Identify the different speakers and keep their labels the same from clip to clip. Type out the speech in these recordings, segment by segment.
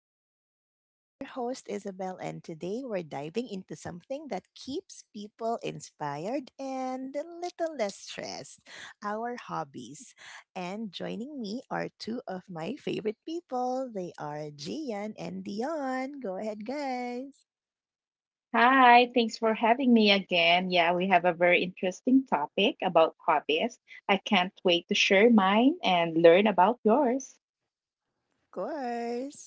Speaker 1: podcast. I'm your host, Isabel, and today we're diving into something that keeps people inspired and a little less stressed, our hobbies. And joining me are two of my favorite people. They are Gian and Dion. Go ahead, guys.
Speaker 2: Hi, thanks for having me again. Yeah, we have a very interesting topic about hobbies. I can't wait to share mine and learn about yours.
Speaker 1: Of course.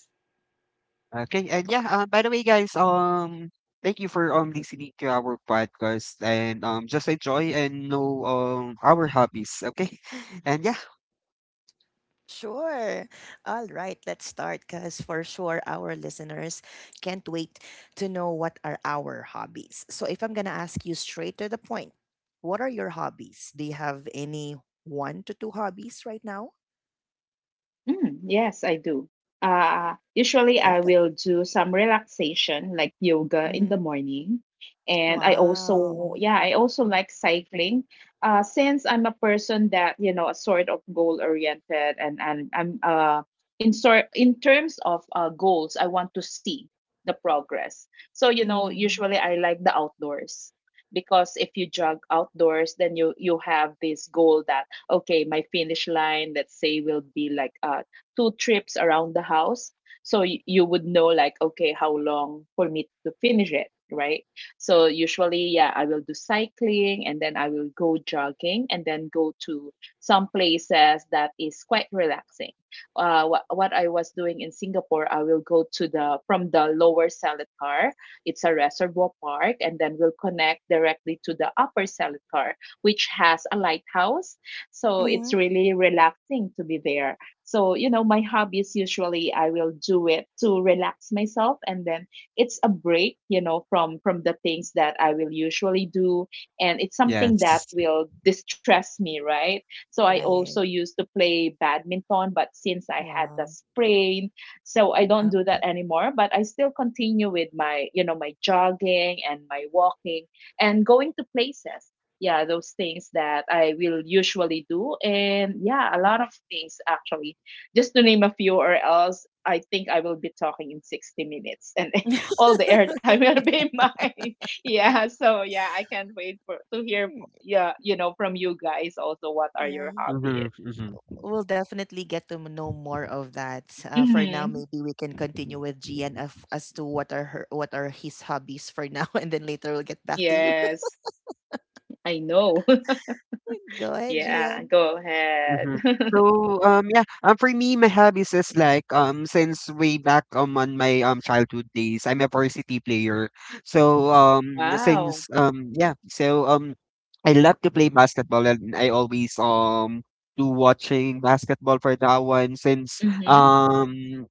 Speaker 3: Okay, and yeah, by the way, guys, thank you for listening to our podcast, and just enjoy and know our hobbies, okay? And yeah,
Speaker 1: Sure. All right, let's start because for sure our listeners can't wait to know what are our hobbies. So, if I'm going to ask you straight to the point, what are your hobbies? Do you have any one to two hobbies right now?
Speaker 2: Mm, yes, I do. Usually, I
Speaker 1: Perfect.
Speaker 2: will do some relaxation like yoga in
Speaker 1: Mm-hmm.
Speaker 2: the morning. And I
Speaker 1: Wow.
Speaker 2: also, yeah, I also like cycling. Since I'm a person that, you know, a sort of goal oriented and I'm in terms of goals, I want to see the progress. So, you know,
Speaker 1: Mm-hmm.
Speaker 2: usually I like the outdoors because if you jog outdoors, then you have this goal that okay, my finish line let's say will be like two trips around the house. So you would know, like, okay, how long for me to finish it, right? So usually, yeah, I will do cycling and then I will go jogging and then go to some places that is quite relaxing. What I was doing in Singapore, I will go to the from the lower Seletar, it's a reservoir park, and then we'll connect directly to the upper Seletar, which has a lighthouse. So it's really relaxing to be there. So, you know, my hobbies usually I will do it to relax myself and then it's a break, you know, from the things that I will usually do, and it's something that
Speaker 3: yes.
Speaker 2: will distress me, right? So I also
Speaker 1: Right.
Speaker 2: used to play badminton, but since I had the
Speaker 1: Wow.
Speaker 2: sprain, so I don't do
Speaker 1: Um,
Speaker 2: that anymore, but I still continue with my, you know, my jogging and my walking and going to places, yeah, those things that I will usually do. And yeah, a lot of things actually, just to name a few, or else I think I will be talking in 60 minutes and all the airtime will be mine. Yeah, so yeah, I can't wait for to hear, yeah, you know, from you guys also what are your hobbies.
Speaker 3: Mm-hmm, mm-hmm.
Speaker 1: We'll definitely get to know more of that. For now,
Speaker 2: Mm-hmm.
Speaker 1: maybe we can continue with GN of, as to what are her, what are his hobbies for now, and then later we'll get back to you.
Speaker 2: Yes, I know.
Speaker 1: Go ahead,
Speaker 2: Yeah,
Speaker 1: GN.
Speaker 2: go ahead.
Speaker 3: Mhm. So, yeah, for me, my hobbies is like, since way back, on my childhood days, I'm a varsity player. So, um,
Speaker 2: Wow.
Speaker 3: since um, yeah, so um, I love to play basketball, and I always do watching basketball for that one. Since
Speaker 2: Mm-hmm,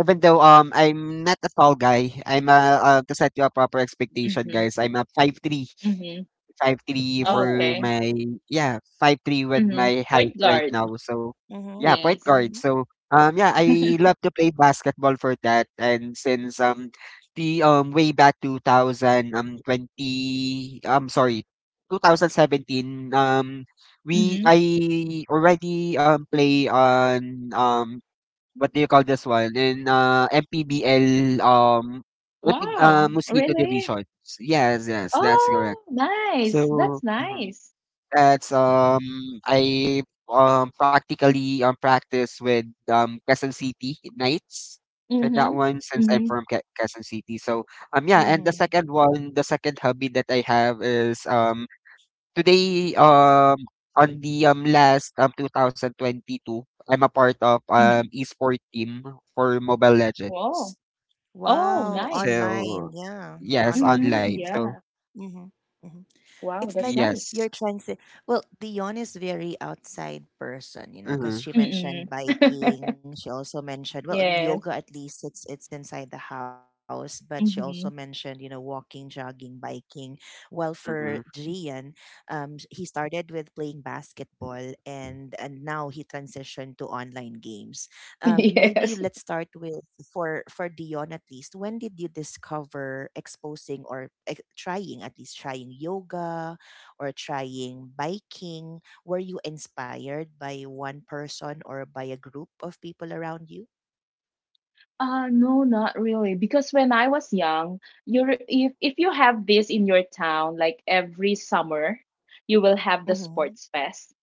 Speaker 3: even though I'm not a tall guy. I'm a To set you a proper expectation,
Speaker 2: mm-hmm,
Speaker 3: guys. I'm a 5'3".
Speaker 2: mm-hmm.
Speaker 3: 5'3" for
Speaker 1: Oh.
Speaker 2: Okay.
Speaker 3: my, yeah, 5'3" with
Speaker 2: Mm-hmm.
Speaker 3: my height
Speaker 2: Point
Speaker 3: right
Speaker 2: guard.
Speaker 3: now. So yeah,
Speaker 1: Mhm.
Speaker 3: point
Speaker 2: Yes.
Speaker 3: guard.
Speaker 1: Mhm.
Speaker 3: So yeah, I love to play basketball for that. And since the way back 2000, 20, I'm sorry, 2017, we
Speaker 2: Mhm.
Speaker 3: I already play on what do you call this one in MPBL, MP,
Speaker 2: Wow,
Speaker 3: Mosquito
Speaker 2: really?
Speaker 3: Division. Yes, yes, that's correct.
Speaker 2: Oh, nice.
Speaker 3: So,
Speaker 2: That's
Speaker 3: mhm,
Speaker 2: nice.
Speaker 3: that's I practically practice with Quezon City Knights for that
Speaker 2: Mhm.
Speaker 3: one, since I'm
Speaker 2: Mhm.
Speaker 3: from Quezon City. So yeah, and the
Speaker 1: Mhm.
Speaker 3: second one, the second hobby that I have is today, on the last 2022, I'm a part of
Speaker 2: Mhm.
Speaker 3: esport team for Mobile
Speaker 2: Wow.
Speaker 3: Legends.
Speaker 2: Oh,
Speaker 1: Wow.
Speaker 2: nice.
Speaker 1: Online.
Speaker 3: So,
Speaker 1: Yeah.
Speaker 3: yes,
Speaker 1: Online
Speaker 2: Mhm.
Speaker 3: online.
Speaker 1: game.
Speaker 3: So,
Speaker 2: Yeah.
Speaker 1: Mhm. Mhm.
Speaker 2: Wow,
Speaker 1: It's
Speaker 2: that's
Speaker 1: like
Speaker 2: nice.
Speaker 3: yes.
Speaker 1: you're trying to. Well, Dion is very outside person, you know, because
Speaker 3: Mm-hmm.
Speaker 1: she
Speaker 2: Mm-mm.
Speaker 1: mentioned biking. She also mentioned well yoga.
Speaker 2: Yes.
Speaker 1: At least it's inside the house, but she also mentioned you
Speaker 2: Mhm.
Speaker 1: know walking, jogging, biking. Well, for
Speaker 3: Mm-hmm.
Speaker 1: Gian, he started with playing basketball, and now he transitioned to online games. Maybe let's
Speaker 2: Yes.
Speaker 1: start with for Dion at least. When did you discover exposing or trying at least trying yoga? Or trying biking? Were you inspired by one person or by a group of people around you?
Speaker 2: No, not really. Because when I was young, you if you have this in your town, like every summer, you will have the
Speaker 1: Mm-hmm.
Speaker 2: sports fest.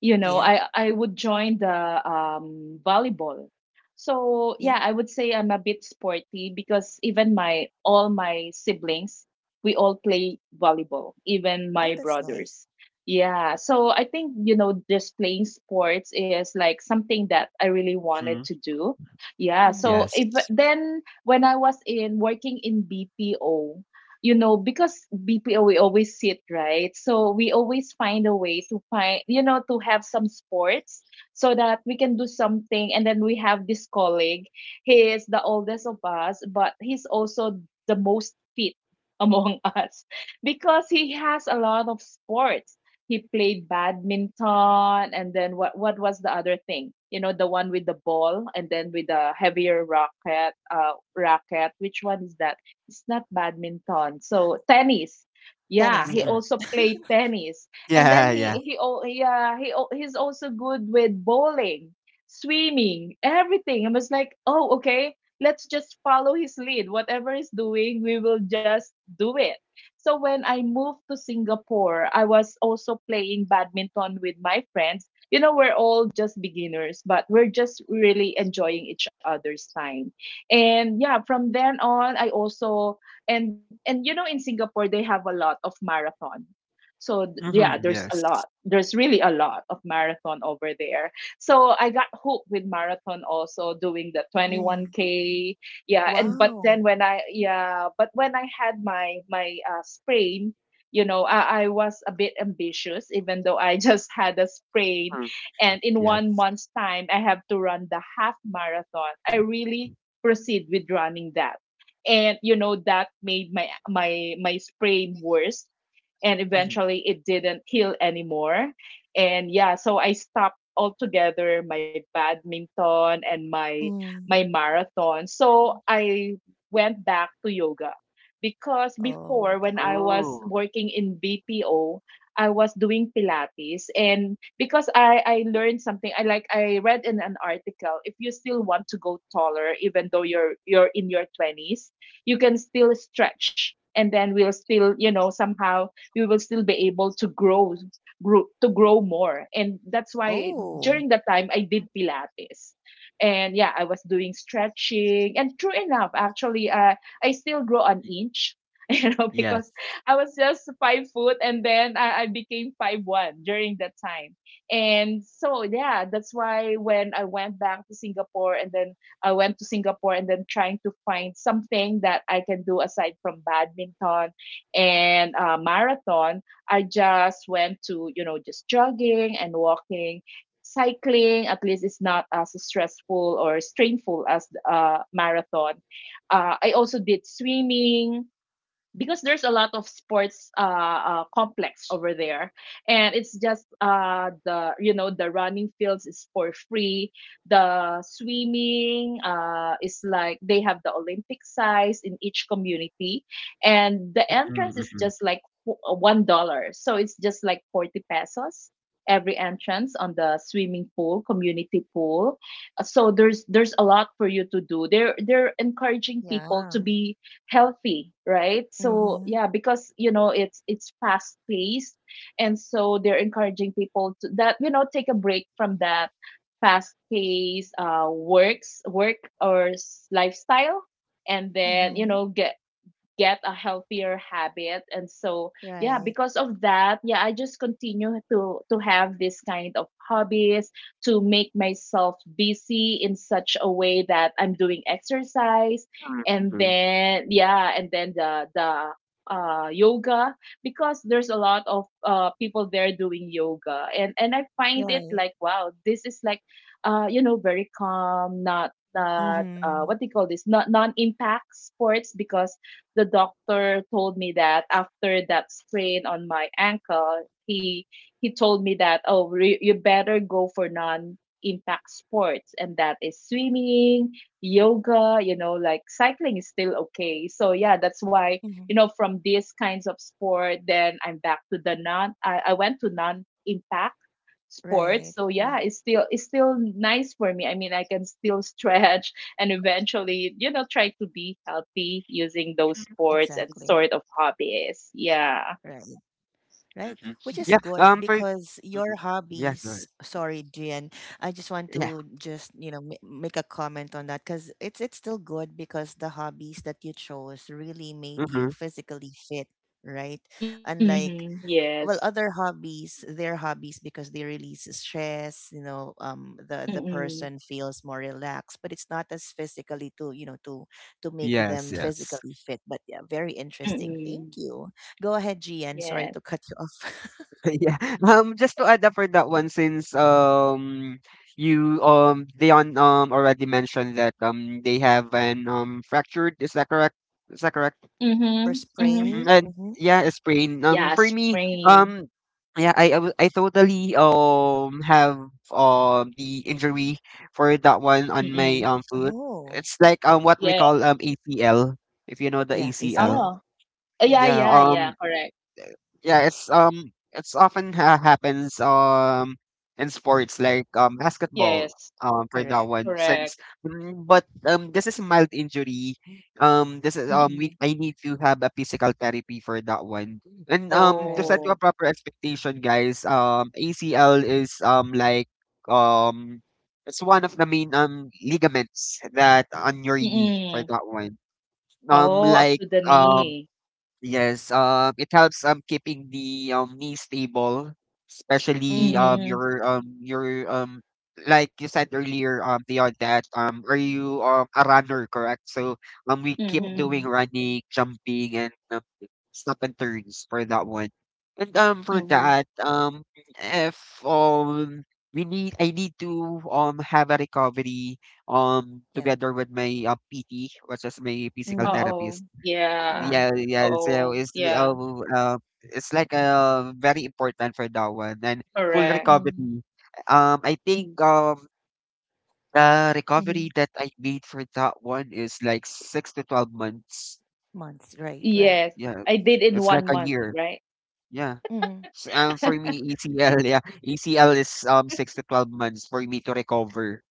Speaker 2: You know,
Speaker 1: Yeah.
Speaker 2: I would join the volleyball. So
Speaker 1: Yeah.
Speaker 2: yeah, I would say I'm a bit sporty because even my all my siblings, we all play volleyball, even my
Speaker 1: Oh, that's
Speaker 2: brothers.
Speaker 1: nice.
Speaker 2: Yeah, so I think, you know, just playing sports is like something that I really wanted to do, yeah.
Speaker 1: Mm-hmm.
Speaker 2: So
Speaker 3: Yes.
Speaker 2: if then when I was in working in BPO, you know, because BPO we always sit, right? So we always find a way to find, you know, to have some sports so that we can do something. And then we have this colleague. He is the oldest of us, but he's also the most fit among us because he has a lot of sports. He played badminton and then what was the other thing, you know, the one with the ball and then with the heavier racket, racket, which one is that? It's not badminton. So tennis. Yeah, he
Speaker 1: Tennis.
Speaker 3: Mhm.
Speaker 1: Yeah.
Speaker 2: also played tennis. And then
Speaker 3: Yeah,
Speaker 2: he
Speaker 3: yeah.
Speaker 1: Yeah.
Speaker 2: he oh, yeah, he's also good with bowling, swimming, everything. I was like, oh, okay, let's just follow his lead. Whatever he's doing, we will just do it. So when I moved to Singapore, I was also playing badminton with my friends. You know, we're all just beginners, but we're just really enjoying each other's time. And yeah, from then on, I also, and you know, in Singapore they have a lot of marathon. So yeah,
Speaker 3: Mhm.
Speaker 2: there's a
Speaker 3: Yes.
Speaker 2: lot. There's really a lot of marathon over there. So I got hooked with marathon, also doing the
Speaker 1: Mm.
Speaker 2: 21k. Yeah, and but then
Speaker 1: Wow.
Speaker 2: when I yeah but when I had my sprain, you know, I was a bit ambitious even though I just had a sprain,
Speaker 3: Mm. Mm.
Speaker 2: and in one
Speaker 3: Yes.
Speaker 2: month's time I have to run the half marathon. I really proceed with running that, and you know, that made my sprain worse, and
Speaker 3: Mhm.
Speaker 2: eventually it didn't heal anymore. And yeah, so I stopped altogether my badminton and my
Speaker 1: Mm.
Speaker 2: marathon. So I went back to yoga because
Speaker 1: Oh,
Speaker 2: before when
Speaker 1: okay.
Speaker 2: I was
Speaker 3: Oh.
Speaker 2: working in BPO, I was doing pilates. And because I learned something, I like, I read in an article, if you still want to go taller even though you're in your 20s, you can still stretch and then we'll still, you know, somehow we will still be able to grow more. And that's why during
Speaker 1: Oh,
Speaker 2: that time I did pilates, and yeah, I was doing stretching and true enough, actually, I still grow an
Speaker 3: Y
Speaker 2: inch you know,
Speaker 3: Yes.
Speaker 2: because I was just 5 foot and then I became 5'1" during that time. And so yeah, that's why when I went to Singapore and then trying to find something that I can do aside from badminton and marathon, I just went to, you know, just jogging and walking. Cycling, at least, is not as stressful or strainful as marathon. I also did swimming, because there's a lot of sports complex over there, and it's just the, you know, the running fields is for free. The swimming is like they have the olympic size in each community, and the
Speaker 3: Mhm,
Speaker 2: entrance is
Speaker 3: mhm.
Speaker 2: just like $1, so it's just like 40 pesos every entrance on the swimming pool, community pool. So there's a lot for you to do. They're encouraging people to
Speaker 1: yeah.
Speaker 2: be healthy, right? So
Speaker 1: Mm-hmm.
Speaker 2: yeah, because you know, it's fast paced, and so they're encouraging people to that, you know, take a break from that fast paced work or lifestyle, and then you
Speaker 1: Mm-hmm.
Speaker 2: know, get a healthier habit. And so yeah,
Speaker 1: Right.
Speaker 2: because of that, yeah, I just continue to have this kind of hobbies to make myself busy in such a way that I'm doing exercise.
Speaker 3: Mm,
Speaker 2: And
Speaker 3: mhm,
Speaker 2: then yeah, and then the yoga, because there's a lot of people there doing yoga, and I find it
Speaker 1: Right.
Speaker 2: like, wow, this is like you know, very calm, not what do
Speaker 1: Mm-hmm.
Speaker 2: you call this, not non impact sports, because the doctor told me that after that sprain on my ankle, he told me that, oh, you better go for non impact sports, and that is swimming, yoga, you know, like cycling is still okay. So yeah, that's why, you
Speaker 1: Mm-hmm.
Speaker 2: know, from these kinds of sport, then I'm back to the I went to non impact
Speaker 1: Right.
Speaker 2: sports. So
Speaker 1: Right.
Speaker 2: yeah, it's still, it's still nice for me. I mean, I can still stretch and eventually, you know, try to be healthy using those sports and
Speaker 1: Exactly.
Speaker 2: sort of hobbies. Yeah.
Speaker 1: Right. Right,
Speaker 3: mhm.
Speaker 1: which is
Speaker 3: Yeah,
Speaker 1: good
Speaker 3: for
Speaker 1: because
Speaker 3: mhm.
Speaker 1: your
Speaker 3: Yeah, go ahead.
Speaker 1: hobbies. Sorry, Gian. I just want
Speaker 3: Yeah.
Speaker 1: to just you know make a comment on that because it's still good because the hobbies that you chose really made you
Speaker 3: Mhm.
Speaker 1: physically fit. Right, unlike
Speaker 2: Mm-hmm.
Speaker 1: well
Speaker 2: Yes.
Speaker 1: other hobbies, their hobbies because they release stress. You know, the
Speaker 2: Mm-mm.
Speaker 1: person feels more relaxed, but it's not as physically to you know to make
Speaker 3: Yes,
Speaker 1: them
Speaker 3: yes.
Speaker 1: physically fit. But yeah, very interesting. Thank
Speaker 2: Mm-mm.
Speaker 1: you. Go ahead, Gian.
Speaker 2: Yes.
Speaker 1: Sorry to cut you off.
Speaker 3: Yeah. Just to add up for that one, since you Dion already mentioned that they have an fractured, is that correct? Is that correct?
Speaker 2: Mm-hmm.
Speaker 1: Or
Speaker 2: Mm-hmm.
Speaker 3: Mhm.
Speaker 1: sprain.
Speaker 3: And
Speaker 1: Mm-hmm.
Speaker 3: yeah, it's sprain.
Speaker 2: Yeah,
Speaker 3: For me,
Speaker 2: spring.
Speaker 3: um, yeah, I totally have the injury for that one on my
Speaker 2: Mm-mm.
Speaker 3: foot.
Speaker 1: Oh,
Speaker 3: It's like what we
Speaker 2: Yeah.
Speaker 3: call ACL, if you know the
Speaker 1: yeah,
Speaker 3: ACL.
Speaker 1: ACL.
Speaker 2: Oh. Yeah,
Speaker 3: Yeah.
Speaker 1: Yes,
Speaker 2: yeah, yeah. Correct.
Speaker 3: Yeah, it's often ha happens in sports like
Speaker 1: Y-
Speaker 3: basketball,
Speaker 2: Yes.
Speaker 3: for that
Speaker 1: correct.
Speaker 3: one,
Speaker 2: Correct.
Speaker 3: since but
Speaker 1: K-
Speaker 3: this is a mild injury. This is,
Speaker 2: Mm-mm.
Speaker 3: we I need to have a physical therapy for that one, and to set
Speaker 1: Right.
Speaker 3: you a
Speaker 2: Oh.
Speaker 3: proper expectation, guys. ACL is like, um it's one of the main ligaments that on your knee for
Speaker 2: Mm-mm.
Speaker 3: that one. um
Speaker 2: Oh, up
Speaker 3: like
Speaker 2: to the
Speaker 3: um.
Speaker 2: knee.
Speaker 3: Yes, it helps keeping the knee stable, especially
Speaker 1: Mm-hmm.
Speaker 2: Mm-hmm.
Speaker 3: your, like you said earlier, beyond that, are you a runner, correct? So we keep
Speaker 2: Mm-hmm.
Speaker 3: doing
Speaker 1: Mm-mm.
Speaker 3: running, jumping, and, snap and turns for that one, and for
Speaker 2: Mm-hmm.
Speaker 3: that if we need I need to have a recovery
Speaker 1: Yeah.
Speaker 3: together with my PT, which is my physical
Speaker 1: Mm,
Speaker 3: therapist.
Speaker 2: Uh-oh. Yeah.
Speaker 3: Yeah,
Speaker 1: right.
Speaker 3: yeah. So
Speaker 2: Oh, yeah.
Speaker 3: it's like very important for that one and full
Speaker 2: Correct.
Speaker 3: recovery.
Speaker 1: Mm,
Speaker 3: I think
Speaker 2: Mm-hmm.
Speaker 3: the recovery that
Speaker 1: Mm-hmm.
Speaker 3: I made for that one is like 6 to 12 months.
Speaker 1: Months.
Speaker 2: Yes,
Speaker 1: Right.
Speaker 3: Yeah,
Speaker 1: Right.
Speaker 2: I did in
Speaker 3: it's like
Speaker 2: one
Speaker 3: a
Speaker 2: month,
Speaker 3: year.
Speaker 2: right?
Speaker 3: Yeah.
Speaker 1: Mm-hmm.
Speaker 3: For me, ECL, yeah, ECL is 6 to 12 months for me to recover.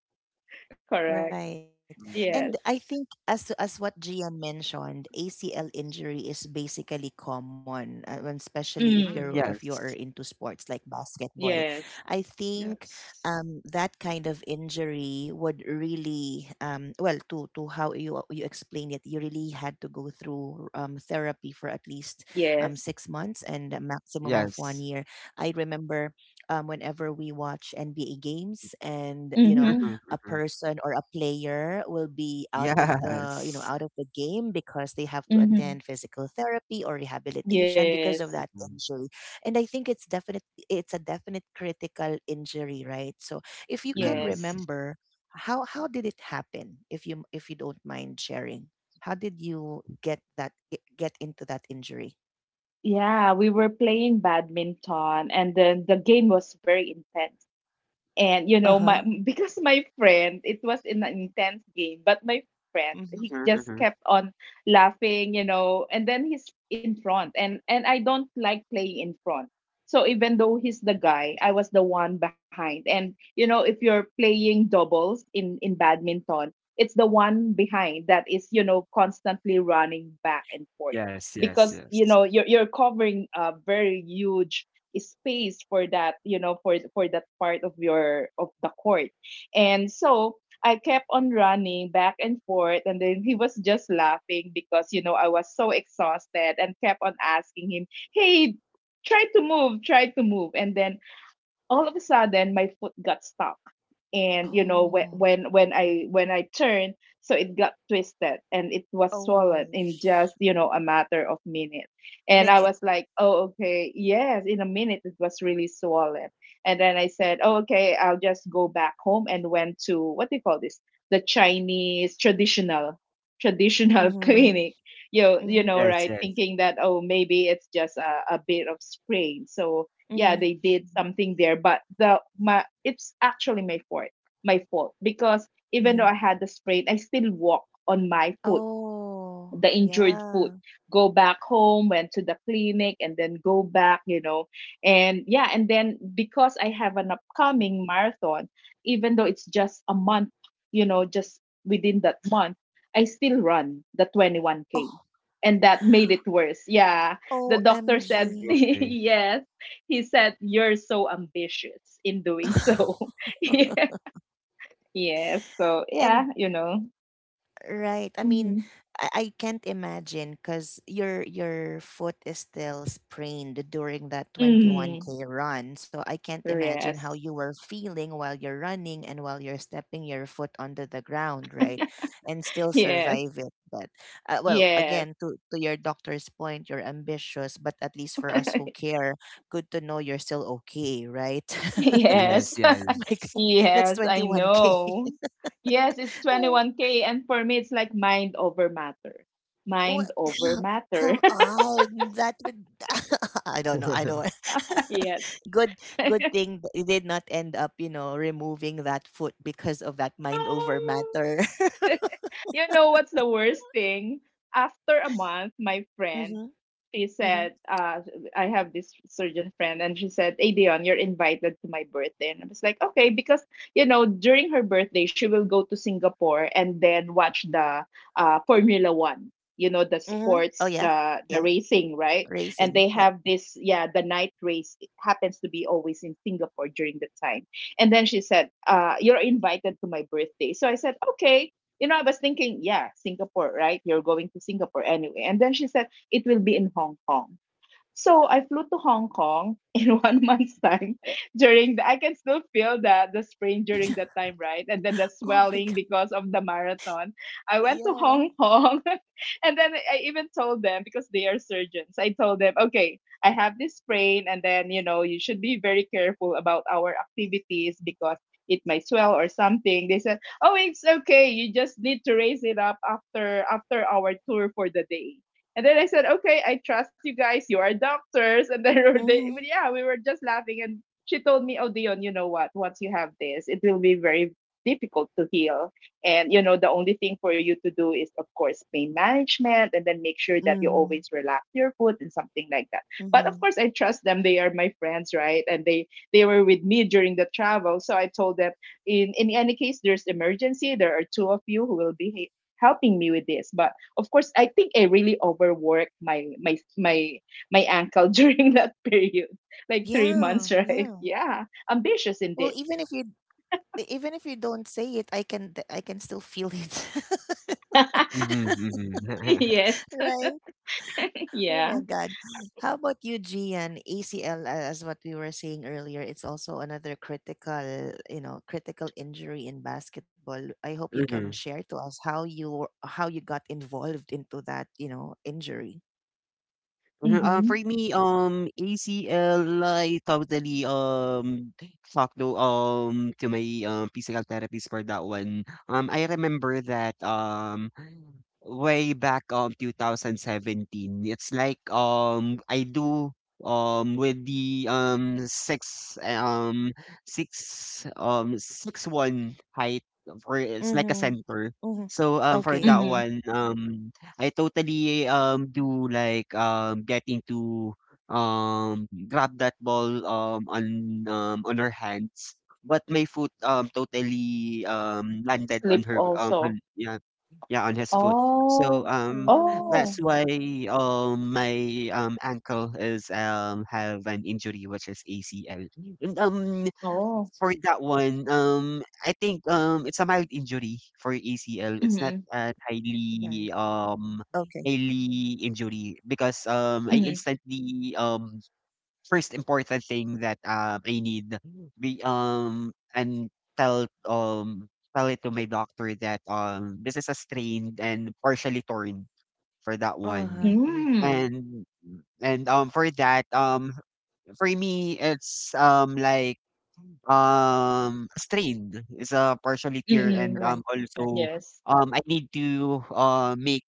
Speaker 2: Correct.
Speaker 1: Right.
Speaker 3: Mhm.
Speaker 2: Yes.
Speaker 1: And I think as what Gia mentioned, ACL injury is basically common, and especially if
Speaker 3: Mm,
Speaker 2: Mm.
Speaker 1: you're
Speaker 3: yes,
Speaker 1: into sports like basketball.
Speaker 2: Yes.
Speaker 1: I think
Speaker 3: yes,
Speaker 1: that kind of injury would really well to how you you explained it, you really had to go through therapy for at least
Speaker 2: Yes.
Speaker 1: 6 months and a maximum of 1
Speaker 3: yes.
Speaker 1: year. I remember whenever we watch NBA games and you know
Speaker 2: Mm-hmm.
Speaker 3: Mhm,
Speaker 1: a
Speaker 3: mhm.
Speaker 1: person or a player will be out of the you know
Speaker 3: Yes.
Speaker 1: out of the game because they have to
Speaker 2: Mm-hmm.
Speaker 1: attend physical therapy or rehabilitation because
Speaker 2: Yes.
Speaker 1: of that
Speaker 3: Mhm,
Speaker 1: injury, and I think it's definite it's a definite critical injury right so if you can
Speaker 2: Yes.
Speaker 3: mhm,
Speaker 1: remember how did it happen, if you don't mind sharing, how did you get into that injury?
Speaker 2: Yeah, we were playing badminton and then the game was very intense. And you know, my
Speaker 1: Uh-huh.
Speaker 2: because my friend, it was an intense game, but my friend,
Speaker 1: Hmm.
Speaker 2: he
Speaker 3: mhm,
Speaker 2: just
Speaker 3: mhm.
Speaker 2: kept on laughing, you know, and then he's in front and I don't like playing in front. So even though he's the guy, I was the one behind. And if you're playing doubles in badminton, it's the one behind that is, constantly running back and forth
Speaker 3: Yes, yes,
Speaker 2: because
Speaker 3: yes.
Speaker 2: you're covering a very huge space for that for that part of your of the court, and so I kept on running back and forth, and then he was just laughing because I was so exhausted and kept on asking him, "Hey, try to move, try to move." And then all of a sudden my foot got stuck, and you know when
Speaker 1: Oh.
Speaker 2: when when i when i turned, so it got twisted, and it was swollen
Speaker 1: oh
Speaker 2: in just
Speaker 1: sh-
Speaker 2: a matter of minutes. And I
Speaker 1: Minute.
Speaker 2: was like, "Oh, okay, yes, in a minute it was really swollen." And then I said, "Oh, okay, I'll just go back home," and went to, what do you call this, the Chinese traditional
Speaker 1: Mm-hmm.
Speaker 2: clinic. You know,
Speaker 3: Yes,
Speaker 2: right,
Speaker 3: yes.
Speaker 2: thinking that, oh, maybe it's just a bit of sprain. So yeah,
Speaker 1: Mm-hmm.
Speaker 2: they did something there, but the my it's actually my fault. My fault, because even
Speaker 1: Mm-hmm.
Speaker 2: though I had the sprain, I still walk on my foot,
Speaker 1: Oh,
Speaker 2: the injured foot.
Speaker 1: yeah.
Speaker 2: Go back home, went to the clinic, and then go back. And yeah, and then because I have an upcoming marathon, even though it's just a month, just within that month, I still run the 21K,
Speaker 1: Oh,
Speaker 2: and that made it worse. Yeah, the doctor said,
Speaker 1: OMG.
Speaker 3: Okay.
Speaker 2: yes, he said, "You're so ambitious in doing so." Yeah. Yes, so yeah
Speaker 1: And
Speaker 2: you know
Speaker 1: Right. I mean,
Speaker 2: Mm-hmm.
Speaker 1: I can't imagine because your foot is still sprained during that
Speaker 2: Mm,
Speaker 1: 21K run. So I can't imagine how
Speaker 2: yes.
Speaker 1: you were feeling while you're running and while you're stepping your foot onto the ground, right? And still
Speaker 2: Yes.
Speaker 1: survive it. But well,
Speaker 2: Yes.
Speaker 1: again, to your doctor's point, you're ambitious, but at least for us who care, good to know you're still okay, right?
Speaker 2: Yes.
Speaker 3: Yes,
Speaker 1: Because,
Speaker 3: yes.
Speaker 1: my God, that's
Speaker 2: Yes, I
Speaker 1: 21K.
Speaker 2: know. Yes, it's 21K. And for me, it's like mind over matter. Mind
Speaker 1: What?
Speaker 2: over matter.
Speaker 1: Come on, that would. I don't know. I don't.
Speaker 2: Yes.
Speaker 1: Good, good thing that it did not end up, you know, removing that foot because of that mind over
Speaker 2: No.
Speaker 1: matter.
Speaker 2: You know what's the worst thing? After a month, my friend,
Speaker 1: Mm-hmm.
Speaker 2: she
Speaker 1: Mm-hmm.
Speaker 2: said, I have this surgeon friend, and she said, "Hey, Dion, you're invited to my birthday." And I was like, "Okay," because, during her birthday, she will go to Singapore and then watch the Formula One. You know, the
Speaker 1: Mm-hmm. Oh
Speaker 2: sports,
Speaker 1: yeah,
Speaker 2: the
Speaker 1: yeah.
Speaker 2: racing, right? And they
Speaker 1: Racing. Yep.
Speaker 2: have this, yeah, the night race. It happens to be always in Singapore during the time. And then she said, "You're invited to my birthday." So I said, "Okay." You know, I was thinking, yeah, Singapore, right? You're going to Singapore anyway. And then she said it will be in Hong Kong. So I flew to Hong Kong in one month's time. During the I can still feel the sprain during that time, right? And then the
Speaker 1: Oh my
Speaker 2: swelling
Speaker 1: god.
Speaker 2: because of the marathon. I went to
Speaker 1: Yeah.
Speaker 2: Hong Kong and then I even told them because they are surgeons. I told them, "Okay, I have this sprain, and then, you know, you should be very careful about our activities because it might swell or something." They said, "Oh, it's okay. You just need to raise it up after after our tour for the day." And then I said, "Okay, I trust you guys. You are doctors." And then they, well,
Speaker 1: Mm-hmm.
Speaker 2: yeah, we were just laughing. And she told me, "Oh, Dion, you know what? Once you have this, it will be very difficult to heal. And, you know, the only thing for you to do is, of course, pain management, and then make sure that you always
Speaker 1: Mm-hmm.
Speaker 2: relax your foot and something like that." But of
Speaker 1: Mm-hmm.
Speaker 2: course, I trust them. They are my friends, right? And they were with me during the travel. So I told them, in any case, there's emergency, there are two of you who will be helping me with this. But of course, I think I really overworked my my my my ankle during that period, like three
Speaker 1: Yeah.
Speaker 2: months Right?
Speaker 1: Yeah.
Speaker 2: Yeah, ambitious
Speaker 1: Well,
Speaker 2: indeed.
Speaker 1: even if you don't say it, I can still feel it.
Speaker 3: Mhm, mhm. Mhm.
Speaker 2: Yes.
Speaker 1: Right. Oh
Speaker 2: Yeah.
Speaker 1: my God. How about you, Gian? ACL, as what we were saying earlier, it's also another critical, you know, critical injury in basketball. I hope you can share to us how you got involved into that, you know, injury.
Speaker 3: Uh huh.
Speaker 2: Mm-hmm.
Speaker 3: For me, ACL, I totally, talked to my, physical therapist for that one. I remember that, way back, 2017, it's like, I do, with the, 6'1" height for, it's like a
Speaker 1: Mm-hmm.
Speaker 3: center.
Speaker 1: Mm-hmm.
Speaker 3: So, for that
Speaker 1: Okay.
Speaker 2: Mm-hmm.
Speaker 3: one, I totally do like getting to grab that ball, on her hands, but my foot totally landed on
Speaker 2: Sleep
Speaker 3: her,
Speaker 2: also.
Speaker 3: on, yeah yeah on his foot. So
Speaker 2: Oh. Oh.
Speaker 3: that's
Speaker 1: Oh,
Speaker 3: why my ankle is have an injury, which is ACL. And
Speaker 2: Oh.
Speaker 3: for that one, I think, it's a mild injury for ACL. It's not
Speaker 2: Mm-hmm.
Speaker 3: a
Speaker 1: right. Okay.
Speaker 3: highly injury because I
Speaker 2: Mm-hmm.
Speaker 3: instantly, first important thing that I need be and tell tell it to my doctor that this is a strained and partially torn for that one,
Speaker 1: Uh-huh.
Speaker 2: Mm-hmm.
Speaker 3: and and for that for me it's strained. It's a partially tear
Speaker 2: Mm-hmm.
Speaker 3: and,
Speaker 1: Right. Right.
Speaker 3: also,
Speaker 2: Yes.
Speaker 3: I need to, make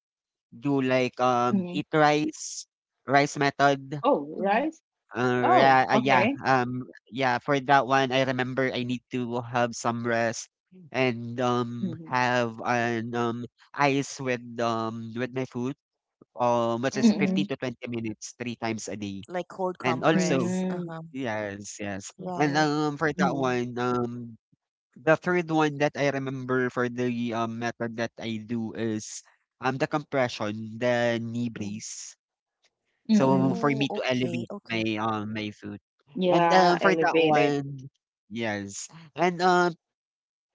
Speaker 3: do like,
Speaker 2: Mm-hmm.
Speaker 3: eat rice, rice method.
Speaker 2: Oh,
Speaker 1: Mm-hmm.
Speaker 2: rice. Oh,
Speaker 1: Mm-hmm.
Speaker 2: okay.
Speaker 3: Yeah, yeah, for that one, I remember I need to have some rest and,
Speaker 2: Mm-hmm.
Speaker 3: have an, ice with my food, which is
Speaker 1: Mm-hmm.
Speaker 2: Mm-hmm.
Speaker 3: 15 to 20 minutes, three times a day.
Speaker 1: Like cold
Speaker 3: And also,
Speaker 1: compress.
Speaker 2: Mm-hmm.
Speaker 1: Uh-huh.
Speaker 3: yes, yes. And,
Speaker 1: Right.
Speaker 3: for that
Speaker 2: Mm-hmm.
Speaker 1: Right.
Speaker 3: one, the third one that I remember for the, method that I do is the compression, the knee
Speaker 1: Right.
Speaker 3: brace. So
Speaker 2: Mm-hmm.
Speaker 3: for
Speaker 1: Oh,
Speaker 3: me to
Speaker 1: okay.
Speaker 3: elevate
Speaker 1: Okay.
Speaker 3: my foot. And
Speaker 2: Yeah,
Speaker 3: for
Speaker 1: Oh.
Speaker 3: that
Speaker 2: elevated.
Speaker 3: one, yes. And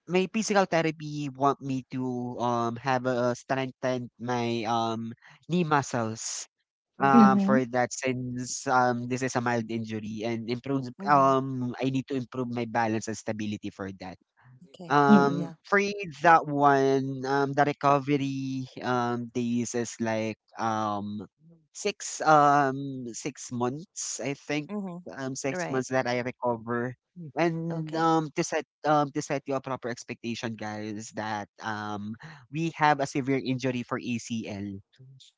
Speaker 3: my physical therapy want me to have a strengthen my knee muscles.
Speaker 1: Mm-hmm.
Speaker 2: Mm-hmm.
Speaker 3: For that, since this is a mild injury and improves,
Speaker 1: Mm-hmm.
Speaker 3: I need to improve my balance and stability for that.
Speaker 1: Okay.
Speaker 2: Mm-hmm.
Speaker 1: Yeah.
Speaker 3: For AIDS, that one, the recovery days is like 6 months, I think.
Speaker 1: Mm-hmm.
Speaker 3: 6 months
Speaker 1: Right.
Speaker 3: that I recover. And
Speaker 1: Okay.
Speaker 3: to set you a proper expectation, guys, that we have a severe injury for ACL.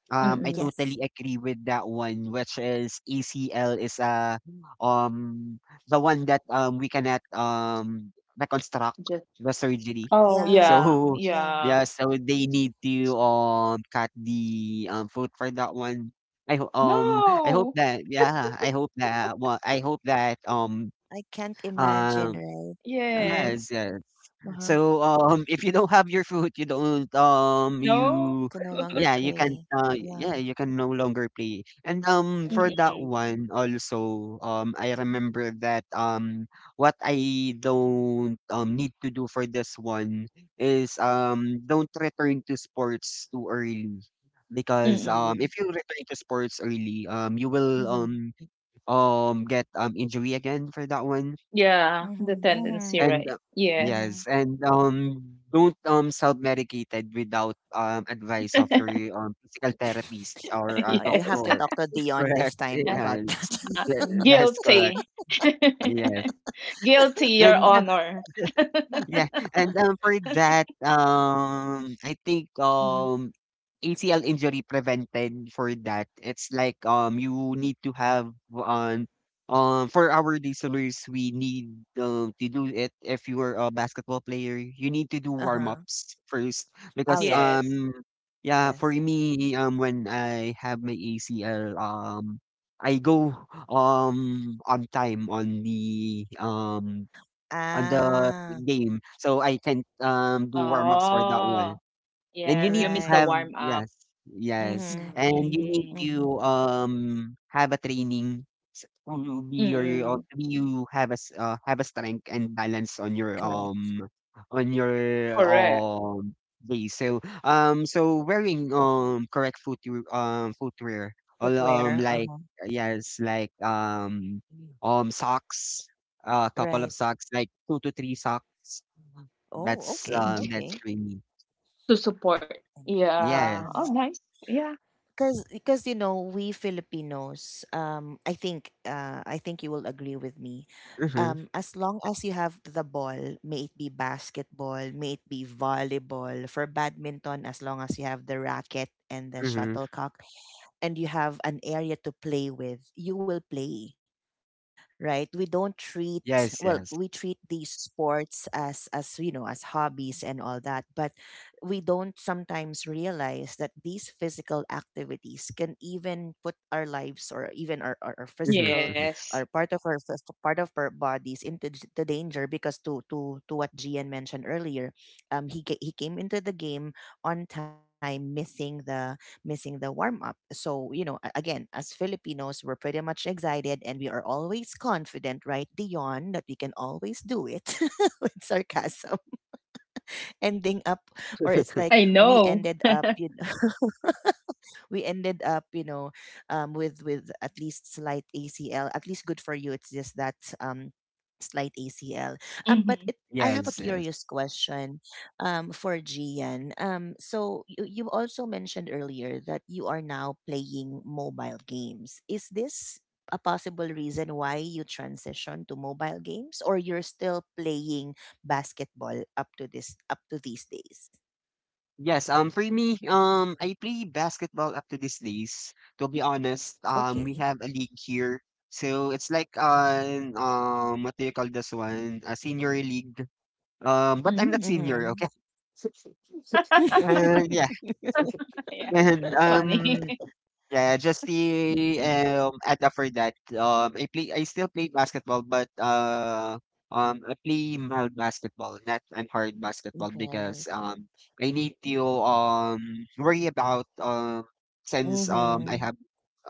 Speaker 3: I
Speaker 2: Mm-mm,
Speaker 3: totally
Speaker 1: Yes.
Speaker 3: agree with that one, which is ACL is um the one that we cannot reconstruct
Speaker 2: just.
Speaker 3: the surgery.
Speaker 2: Oh,
Speaker 1: Yeah.
Speaker 2: yeah,
Speaker 3: So,
Speaker 2: yeah.
Speaker 1: Yeah.
Speaker 3: yeah, so they need to cut the foot for that one.
Speaker 2: No.
Speaker 3: I hope that,
Speaker 1: I can't
Speaker 3: um
Speaker 1: imagine, right? Uh-huh.
Speaker 3: yes,
Speaker 2: Yes.
Speaker 3: yes.
Speaker 1: Uh-huh.
Speaker 3: So, if you don't have your food,
Speaker 2: No.
Speaker 1: Can no longer
Speaker 3: you can
Speaker 1: play. Yeah.
Speaker 3: you can no longer play. And for
Speaker 1: Right.
Speaker 3: that
Speaker 2: Mm-mm.
Speaker 3: one also, I remember that what I don't need to do for this one is don't return to sports too early. Because
Speaker 2: Mm-mm.
Speaker 3: if you return to sports early, you will
Speaker 1: Mm-hmm.
Speaker 3: get injury again for that one.
Speaker 2: Yeah, the
Speaker 1: Mm-hmm.
Speaker 2: tendency,
Speaker 1: Mm-hmm.
Speaker 3: And,
Speaker 2: right? Yes.
Speaker 1: Mm-hmm.
Speaker 3: yes. And, don't, self-medicated without, advice of your, physical therapist or a
Speaker 1: You have
Speaker 2: Yes.
Speaker 1: to
Speaker 3: doctor.
Speaker 1: talk to Dion this
Speaker 3: Correct.
Speaker 1: time about that.
Speaker 3: Yes.
Speaker 2: Uh,
Speaker 3: Tha
Speaker 2: uh,
Speaker 3: that's correct.
Speaker 2: guilty.
Speaker 3: Yes.
Speaker 2: Guilty, Your
Speaker 3: And, yeah.
Speaker 2: Honor.
Speaker 3: Yeah, and, for that, I think,
Speaker 1: Mm-hmm.
Speaker 3: ACL injury prevented for that, it's like, you need to have, for our listeners, we need, to do it. If you are a basketball player, you need to do warm
Speaker 1: Uh-huh.
Speaker 3: ups first
Speaker 1: Oh,
Speaker 3: because,
Speaker 1: yeah.
Speaker 2: Yes.
Speaker 3: yeah,
Speaker 1: Yes.
Speaker 3: for me, when I have my ACL, I go on time on the
Speaker 1: Ah,
Speaker 3: game, so I can do warm ups for that one.
Speaker 2: Oh,
Speaker 3: And you
Speaker 2: yeah. You
Speaker 3: need to
Speaker 2: missed the
Speaker 3: have,
Speaker 1: right.
Speaker 2: warm up.
Speaker 3: yes, yes,
Speaker 1: Mm-hmm.
Speaker 3: and you need
Speaker 2: Mm.
Speaker 1: Mm-hmm.
Speaker 3: to, have a training s to be your
Speaker 2: Mm-mm.
Speaker 3: to be you have a s have a strength and balance on
Speaker 1: Correct.
Speaker 3: on your,
Speaker 2: Correct.
Speaker 3: day. So, wearing, correct footwear or,
Speaker 1: Footwear.
Speaker 3: like,
Speaker 1: Uh-huh.
Speaker 3: yes, like, socks, a couple
Speaker 1: Right.
Speaker 3: of socks, like 2 to 3 socks.
Speaker 1: Oh, okay.
Speaker 3: That's
Speaker 1: Okay.
Speaker 3: for.
Speaker 2: To support.
Speaker 1: Int-
Speaker 2: Yeah. Oh,
Speaker 1: Right.
Speaker 3: Yes.
Speaker 2: nice. Yeah.
Speaker 1: Because you know we Filipinos I think you will agree with me
Speaker 3: Mhm,
Speaker 1: as long as you have the ball, may it be basketball, may it be volleyball, for badminton as long as you have the racket and the
Speaker 3: mhm.
Speaker 1: shuttlecock and you have an area to play with, you will play, right? We don't treat,
Speaker 3: Yes,
Speaker 1: well,
Speaker 3: yes.
Speaker 1: we treat these sports as you know as hobbies and all that, but we don't sometimes realize that these physical activities can even put our lives or even our
Speaker 3: Mhm, mhm.
Speaker 1: physical
Speaker 2: Yes.
Speaker 1: or part of our part of our bodies into the danger because to what Gian mentioned earlier, um, he came into the game on time missing the warm up so you know, again, as Filipinos, we're pretty much excited and we are always confident, right, Dion, that we can always do it with sarcasm, ending up, or it's like
Speaker 2: I
Speaker 1: we
Speaker 2: know.
Speaker 1: ended up you know, we ended up you know with at least slight acl, at least, good for you, it's just that slight acl but
Speaker 2: Mm-hmm.
Speaker 1: it I have a
Speaker 3: Yes, yes.
Speaker 1: curious question for gian so you also mentioned earlier that you are now playing mobile games, is this a possible reason why you transition to mobile games, or you're still playing basketball up to these days?
Speaker 3: Yes, for me, I play basketball up to these days. To be honest, we
Speaker 1: Okay.
Speaker 3: have a league here. So it's like an, what do you call this one? A senior league. But I'm not
Speaker 2: Mm-hmm.
Speaker 3: senior,
Speaker 1: Mhm.
Speaker 3: okay? Yeah.
Speaker 2: Yeah,
Speaker 3: And
Speaker 2: it's funny.
Speaker 3: yeah, just the add up for that. I play. I still play basketball, but, I play mild basketball, not an hard basketball,
Speaker 1: Right.
Speaker 3: because I need to worry about, since I
Speaker 1: Mhm.
Speaker 3: have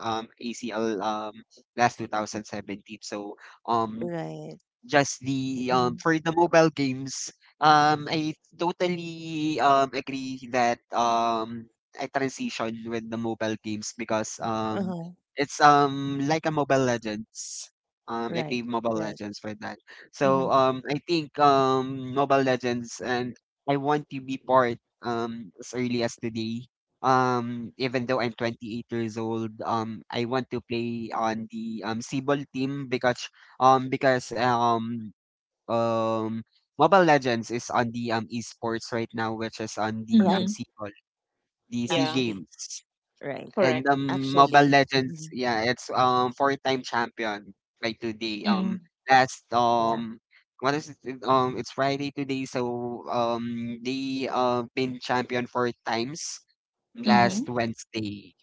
Speaker 3: ACL last 2017. So, um
Speaker 1: Right.
Speaker 3: just the
Speaker 1: Mhm.
Speaker 3: for the mobile games, I totally agree that I transition with the mobile games because
Speaker 1: Uh-huh.
Speaker 3: it's like a Mobile Legends. I
Speaker 1: Right.
Speaker 3: play Mobile
Speaker 1: Right.
Speaker 3: Legends for that.
Speaker 1: Mhm.
Speaker 3: So, I think, Mobile Legends, and I want to be part as early as today. Even though I'm 28 years old, I want to play on the Cebol team because, um because um um Mobile Legends is on the esports right now, which is on the
Speaker 1: Right.
Speaker 2: Mm-hmm.
Speaker 3: CBOL, the C
Speaker 2: Yeah,
Speaker 1: Actually.
Speaker 3: Games,
Speaker 1: Right.
Speaker 3: and
Speaker 2: correct.
Speaker 3: Mobile
Speaker 1: Actually.
Speaker 3: Legends,
Speaker 1: Mhm.
Speaker 3: yeah, it's four-time champion by today.
Speaker 2: Mm.
Speaker 3: Last
Speaker 1: Yeah.
Speaker 3: um. What is it? It's Friday today, so, they been champion four times
Speaker 1: Wow.
Speaker 3: last
Speaker 2: Mm-hmm.
Speaker 3: Wednesday.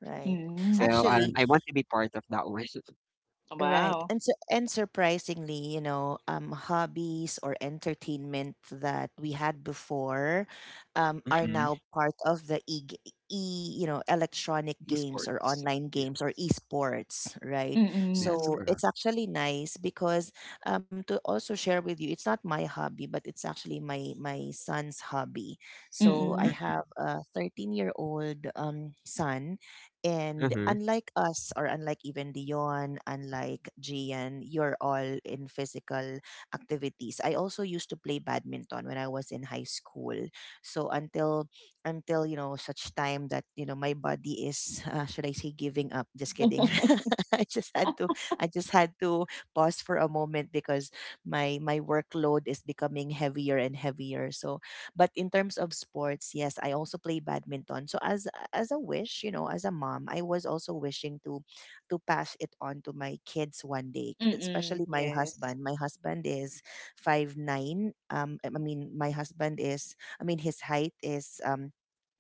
Speaker 1: Right.
Speaker 2: Mm.
Speaker 3: So,
Speaker 1: Actually,
Speaker 3: I want to be part of that one.
Speaker 1: right.
Speaker 2: Wow.
Speaker 1: And so, and surprisingly, you know, hobbies or entertainment that we had before are
Speaker 3: Mm-hmm.
Speaker 1: now part of the you know, electronic games or
Speaker 3: Esports.
Speaker 1: online
Speaker 3: Yeah,
Speaker 1: games or esports, right?
Speaker 3: that's
Speaker 1: So
Speaker 2: Mm-mm.
Speaker 3: correct.
Speaker 1: it's actually nice because to also share with you, it's not my hobby, but it's actually my son's hobby. So I
Speaker 2: Mm-mm.
Speaker 1: have a 13-year-old son, and
Speaker 3: Mm-hmm.
Speaker 1: unlike us, or unlike even Dion, unlike Gian, you're all in physical activities. I also used to play badminton when I was in high school. So until you know such time that you know my body is should I say giving up? Just kidding. I just had to I just had to pause for a moment because my workload is becoming heavier and heavier. So but in terms of sports, yes, I also play badminton. So as a wish, you know, as a mom, I was also wishing to pass it on to my kids one day,
Speaker 2: Mm-mm.
Speaker 1: especially my
Speaker 2: Yes.
Speaker 1: husband. My husband is 5'9". I mean, my husband is. I mean, his height is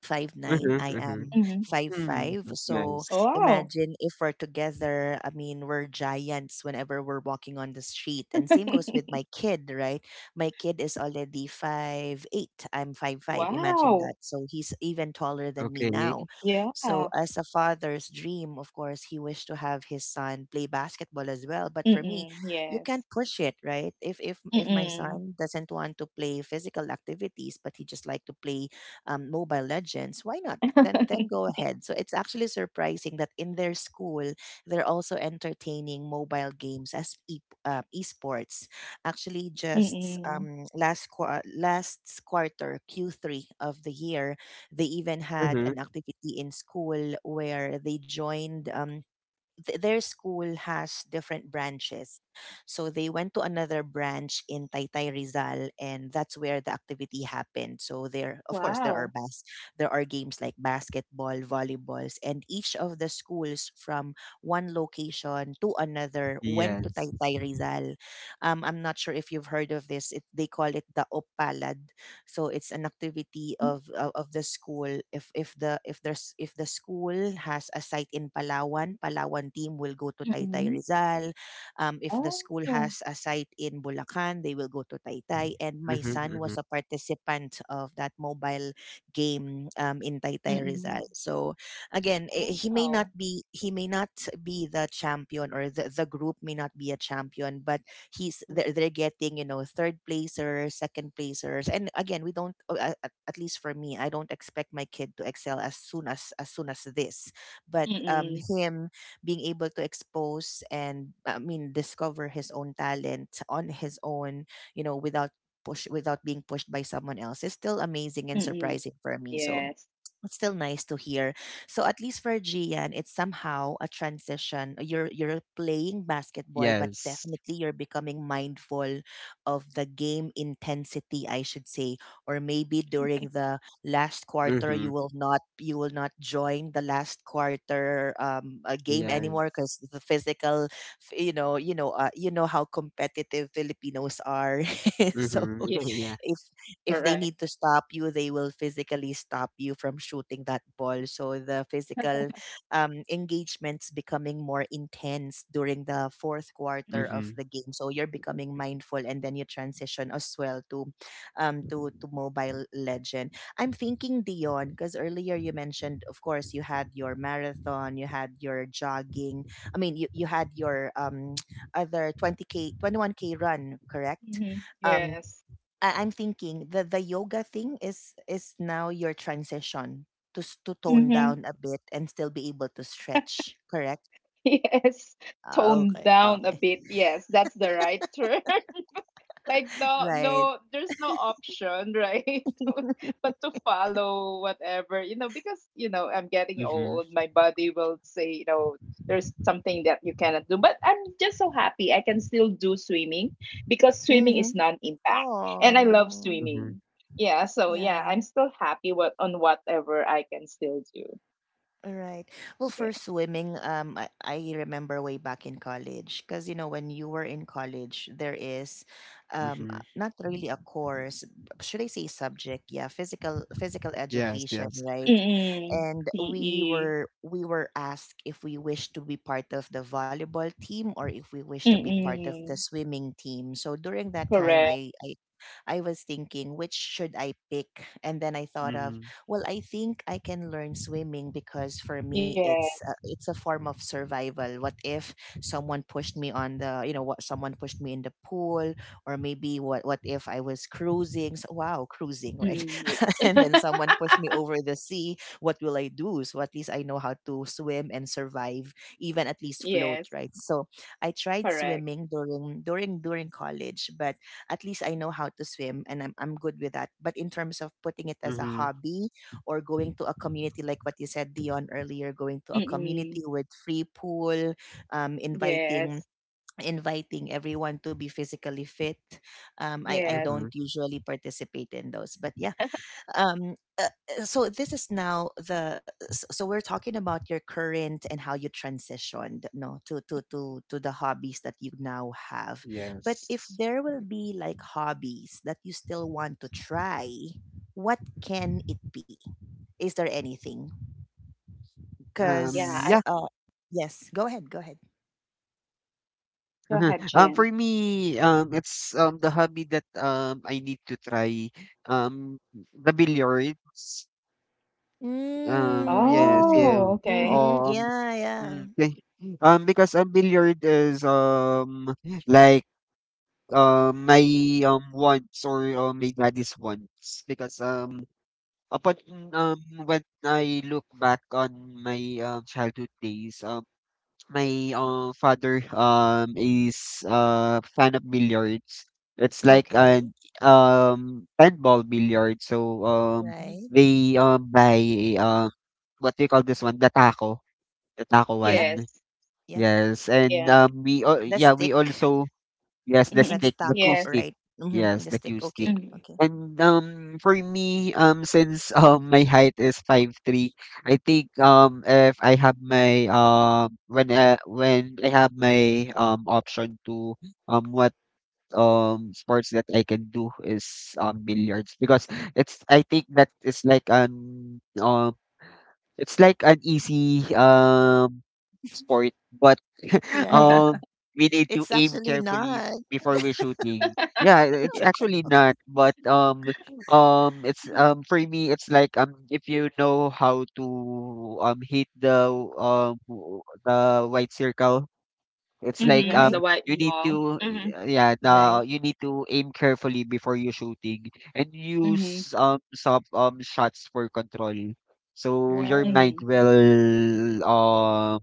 Speaker 1: 5'9".
Speaker 3: Mhm,
Speaker 1: I
Speaker 3: mhm.
Speaker 1: am
Speaker 2: Mm-hmm.
Speaker 1: five
Speaker 3: Mm,
Speaker 1: five.
Speaker 3: that's
Speaker 1: So
Speaker 3: nice.
Speaker 2: Wow.
Speaker 1: imagine if we're together. I mean, we're giants whenever we're walking on the street, and same goes with my kid, right? My kid is already 5'8". I'm 5'5". Imagine that.
Speaker 2: Wow.
Speaker 1: So he's even taller than me
Speaker 3: Okay.
Speaker 1: now.
Speaker 2: Yeah.
Speaker 1: So as a father's dream, of course, he wished to have his son play basketball as well. But for me,
Speaker 2: Mm-mm.
Speaker 1: you
Speaker 2: Yes.
Speaker 1: can't push it, right? If if my
Speaker 2: Mm-mm.
Speaker 1: son doesn't want to play physical activities, but he just like to play Mobile Legends, why not? Then go ahead. So it's actually surprising that in their school they're also entertaining mobile games as esports. Actually, just
Speaker 2: Mm-mm.
Speaker 1: last quarter Q3 of the year, they even had
Speaker 3: Mhm.
Speaker 1: an activity in school where they joined. Their school has different branches. So they went to another branch in Taytay Rizal and that's where the activity happened. So there of course there are
Speaker 2: Wow.
Speaker 1: there are games like basketball, volleyballs, and each of the schools from one location to another went to
Speaker 3: Yes.
Speaker 1: Taytay Rizal. I'm not sure if you've heard of this. It, they call it the Opalad, so it's an activity of the school. If the school has a site in Palawan, Palawan team will go to Taytay
Speaker 2: Mm-mm.
Speaker 1: Rizal. If the school
Speaker 2: Oh.
Speaker 1: has a site in Bulacan, they will go to Taytay, and my
Speaker 3: Mhm,
Speaker 1: son was
Speaker 3: mhm.
Speaker 1: a participant of that mobile game in Taytay
Speaker 2: Mm-mm.
Speaker 1: Rizal. So again,
Speaker 2: Wow.
Speaker 1: he may not be the champion, or the group may not be a champion, but he's they're,
Speaker 2: Mm-mm.
Speaker 1: they're getting, you know, third placers, second placers. And again, we don't at least for me, I don't expect my kid to excel as soon as this. But
Speaker 2: Mm-mm.
Speaker 1: him being able to expose, and I mean discover his own talent on his own, without push, without being pushed by someone else is still amazing and
Speaker 2: Mm-mm.
Speaker 1: surprising for me. So it's
Speaker 2: Yes.
Speaker 1: it's still nice to hear. So at least for Gian, it's somehow a transition. You're playing basketball, but
Speaker 3: Yes.
Speaker 1: definitely you're becoming mindful of the game intensity, I should say. Or maybe during the last quarter,
Speaker 3: Mhm.
Speaker 1: you will not join the last quarter game anymore
Speaker 3: Yes.
Speaker 1: because the physical, you know how competitive Filipinos are. So
Speaker 3: Mhm. Yeah.
Speaker 1: if they
Speaker 2: Correct.
Speaker 1: need to stop you, they will physically stop you from shooting that ball. So the physical engagement's becoming more intense during the fourth quarter of
Speaker 3: Mhm.
Speaker 1: the game. So you're becoming mindful, and then you transition as well to to Mobile Legend. I'm thinking Dion, because earlier you mentioned, of course, you had your marathon, you had your jogging. I mean, you had your other 20k, 21k run, correct?
Speaker 2: Mm-hmm.
Speaker 1: Um,
Speaker 2: Yes.
Speaker 1: I'm thinking the yoga thing is now your transition to to tone
Speaker 2: Mm-hmm.
Speaker 1: down a bit and still be able to stretch, correct?
Speaker 2: Yes,
Speaker 1: Ah,
Speaker 2: tone
Speaker 1: okay,
Speaker 2: down a
Speaker 1: okay,
Speaker 2: bit. Yes, that's the right term. Like, no,
Speaker 1: right.
Speaker 2: no, there's no option, right? But to follow whatever, you know, because you know, I'm getting
Speaker 3: Mhm.
Speaker 2: old. My body will say, you know, there's something that you cannot do. But I'm just so happy I can still do swimming, because swimming
Speaker 1: Mm-hmm.
Speaker 2: is non-impact, and I love
Speaker 1: Oh,
Speaker 3: Mhm.
Speaker 2: swimming. Yeah, so
Speaker 1: yeah,
Speaker 2: yeah, I'm still happy what on whatever I can still do.
Speaker 1: right. Well,
Speaker 2: Yeah.
Speaker 1: for swimming, I remember way back in college, because you know when you were in college, there is,
Speaker 3: Mhm.
Speaker 1: not really a course. Should I say subject? Yeah, physical
Speaker 3: Yes, yes.
Speaker 1: education, right?
Speaker 2: Mm,
Speaker 1: And
Speaker 2: PE.
Speaker 1: we were asked if we wish to be part of the volleyball team, or if we wish to be part of the
Speaker 2: Mm,
Speaker 1: swimming team. So during that time,
Speaker 2: correct.
Speaker 1: I I was thinking which should I pick. And then I thought
Speaker 3: Mhm.
Speaker 1: of, well, I think I can learn swimming, because for me
Speaker 2: Yes.
Speaker 1: it's it's a form of survival. What if someone pushed me on the, what, someone pushed me in the pool, or maybe what if I was cruising, so, wow, cruising, right?
Speaker 2: Mm.
Speaker 1: And then someone pushed me over the sea, what will I do? So at least I know how to swim and survive, even at least float,
Speaker 2: Yes,
Speaker 1: right? So I tried
Speaker 2: correct.
Speaker 1: swimming during college, but at least I know how to swim, and I'm good with that. But in terms of putting it as a
Speaker 3: Mhm.
Speaker 1: hobby, or going to a community like what you said, Dion, earlier, going to a
Speaker 2: Mm,
Speaker 1: community with free pool, inviting
Speaker 2: yes.
Speaker 1: inviting everyone to be physically fit, I
Speaker 2: Yes.
Speaker 1: don't
Speaker 3: Mhm.
Speaker 1: usually participate in those, but yeah. um uh, so this is now the so we're talking about your current and how you transitioned, no, to the hobbies that you now have. But if
Speaker 3: Yes.
Speaker 1: there will be like hobbies that you still want to try, what can it be? Is there anything? Because
Speaker 2: Yeah,
Speaker 3: Yeah.
Speaker 2: I
Speaker 1: uh, yes, go ahead, go ahead.
Speaker 2: go
Speaker 3: Mhm.
Speaker 2: ahead,
Speaker 3: For
Speaker 2: Gian.
Speaker 3: me, it's the hobby that I need to try um the billiards. Yes,
Speaker 1: Mm,
Speaker 3: yeah.
Speaker 2: Oh, okay.
Speaker 1: mm-hmm,
Speaker 3: Um,
Speaker 1: yeah, yeah.
Speaker 3: mm, thank- because a billiard is like my wants or my daddy's wants because upon um when I look back on my childhood days my father is fan of billiards. It's like
Speaker 1: Okay,
Speaker 3: an 10-ball billiard. So
Speaker 1: right.
Speaker 3: they buy um what do you call this one? The taco
Speaker 1: Yep,
Speaker 3: one.
Speaker 2: Yes.
Speaker 1: yep.
Speaker 3: Yes, and
Speaker 2: Yeah.
Speaker 1: The
Speaker 3: yeah, we
Speaker 1: stick.
Speaker 3: also yes, the
Speaker 2: Mm-hmm.
Speaker 3: stick,
Speaker 1: That's
Speaker 3: the Q
Speaker 1: taco,
Speaker 2: Yes.
Speaker 3: stick.
Speaker 1: right? Mm-hmm.
Speaker 3: Yes,
Speaker 1: The
Speaker 3: the
Speaker 1: stick.
Speaker 3: Q stick.
Speaker 1: Okay.
Speaker 2: Mm.
Speaker 1: Okay.
Speaker 3: And for me, since my height is 5'3". I think if I have my when I have my option to what sports that I can do is billiards because it's I think that it's like an easy sport, but
Speaker 1: Right.
Speaker 3: um we need to
Speaker 1: It's
Speaker 3: aim
Speaker 1: actually
Speaker 3: carefully
Speaker 1: not.
Speaker 3: before we're shooting. Yeah, it's
Speaker 2: Yeah.
Speaker 3: actually not, but it's for me it's like if you know how to hit the the white circle. It's like
Speaker 2: Mm-hmm. The
Speaker 1: Right.
Speaker 2: White
Speaker 3: you need
Speaker 2: Mall.
Speaker 3: to
Speaker 2: Mm-hmm.
Speaker 3: yeah, the
Speaker 1: Right.
Speaker 3: you need to aim carefully before you shooting and
Speaker 2: Mm-hmm.
Speaker 3: use some shots for control. So your mind
Speaker 2: Mm-hmm.
Speaker 1: Right.
Speaker 3: will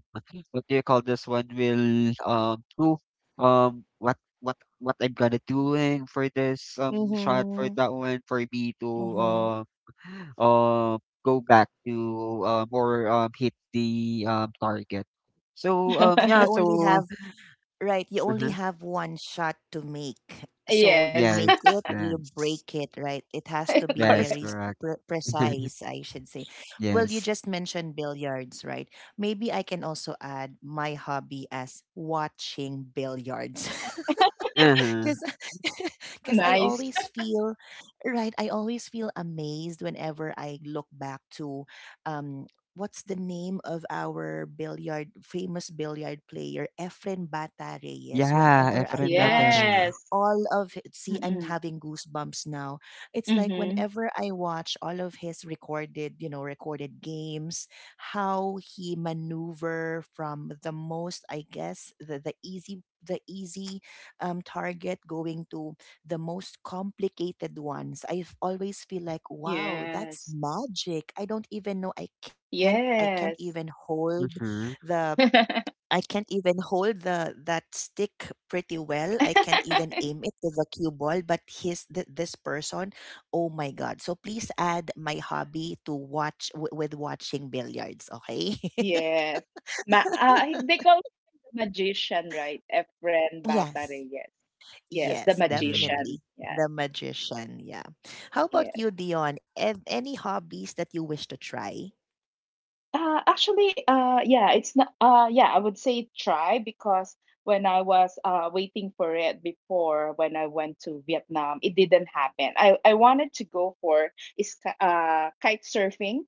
Speaker 3: what do you call this one will do what I'm gonna doing for this shot for
Speaker 1: Mm-hmm.
Speaker 3: that one for me to
Speaker 1: Mm-hmm.
Speaker 3: um go back to or hit the target. So
Speaker 1: And you
Speaker 3: yeah,
Speaker 1: only
Speaker 3: so
Speaker 1: have, right. You only
Speaker 3: uh-huh.
Speaker 1: have one shot to make. So
Speaker 2: Yes.
Speaker 1: you make
Speaker 3: Yes,
Speaker 1: it, you
Speaker 3: yes.
Speaker 1: break it, right? It has to be
Speaker 3: That's
Speaker 2: Correct.
Speaker 1: very
Speaker 3: correct.
Speaker 1: pre- precise, I should say. Well, you
Speaker 3: Yes.
Speaker 1: just mentioned billiards, right? Maybe I can also add my hobby as watching billiards.
Speaker 3: Uh-huh.
Speaker 1: Because because I
Speaker 2: Nice.
Speaker 1: always feel, right. I always feel amazed whenever I look back to um what's the name of our billiard, famous billiard player Efren Bata Reyes.
Speaker 3: Yeah,
Speaker 1: Whenever I
Speaker 3: Efren
Speaker 1: watch
Speaker 3: Bataray.
Speaker 2: Yes.
Speaker 1: see, I'm
Speaker 2: Mm-hmm.
Speaker 1: having goosebumps now. It's like
Speaker 2: Mm-hmm.
Speaker 1: whenever I watch all of his recorded, you know, recorded games, how he maneuver from the most, I guess, the easy target, going to the most complicated ones, I always feel like, wow, that's
Speaker 2: Yes.
Speaker 1: magic. I don't even know, I can't even
Speaker 2: Yes.
Speaker 1: hold
Speaker 3: Mm-hmm.
Speaker 1: the, I can't even hold the, that stick pretty well. I can't even aim it to the cue ball. But his, this person, oh my god! So please add my hobby to watch, with watching billiards. Okay.
Speaker 2: Yes. They call him the magician, right? Efren Bata
Speaker 1: Yes.
Speaker 2: Reyes. Yes, the
Speaker 1: Yes,
Speaker 3: Mm-hmm.
Speaker 2: magician.
Speaker 1: definitely.
Speaker 2: Yeah.
Speaker 1: The magician, yeah. How about
Speaker 2: Yeah.
Speaker 1: you, Dion? Any hobbies that you wish to try?
Speaker 2: Actually, yeah, it's not. Yeah, I would say try, because when I was waiting for it before, when I went to Vietnam, it didn't happen. I wanted to go for is kite surfing,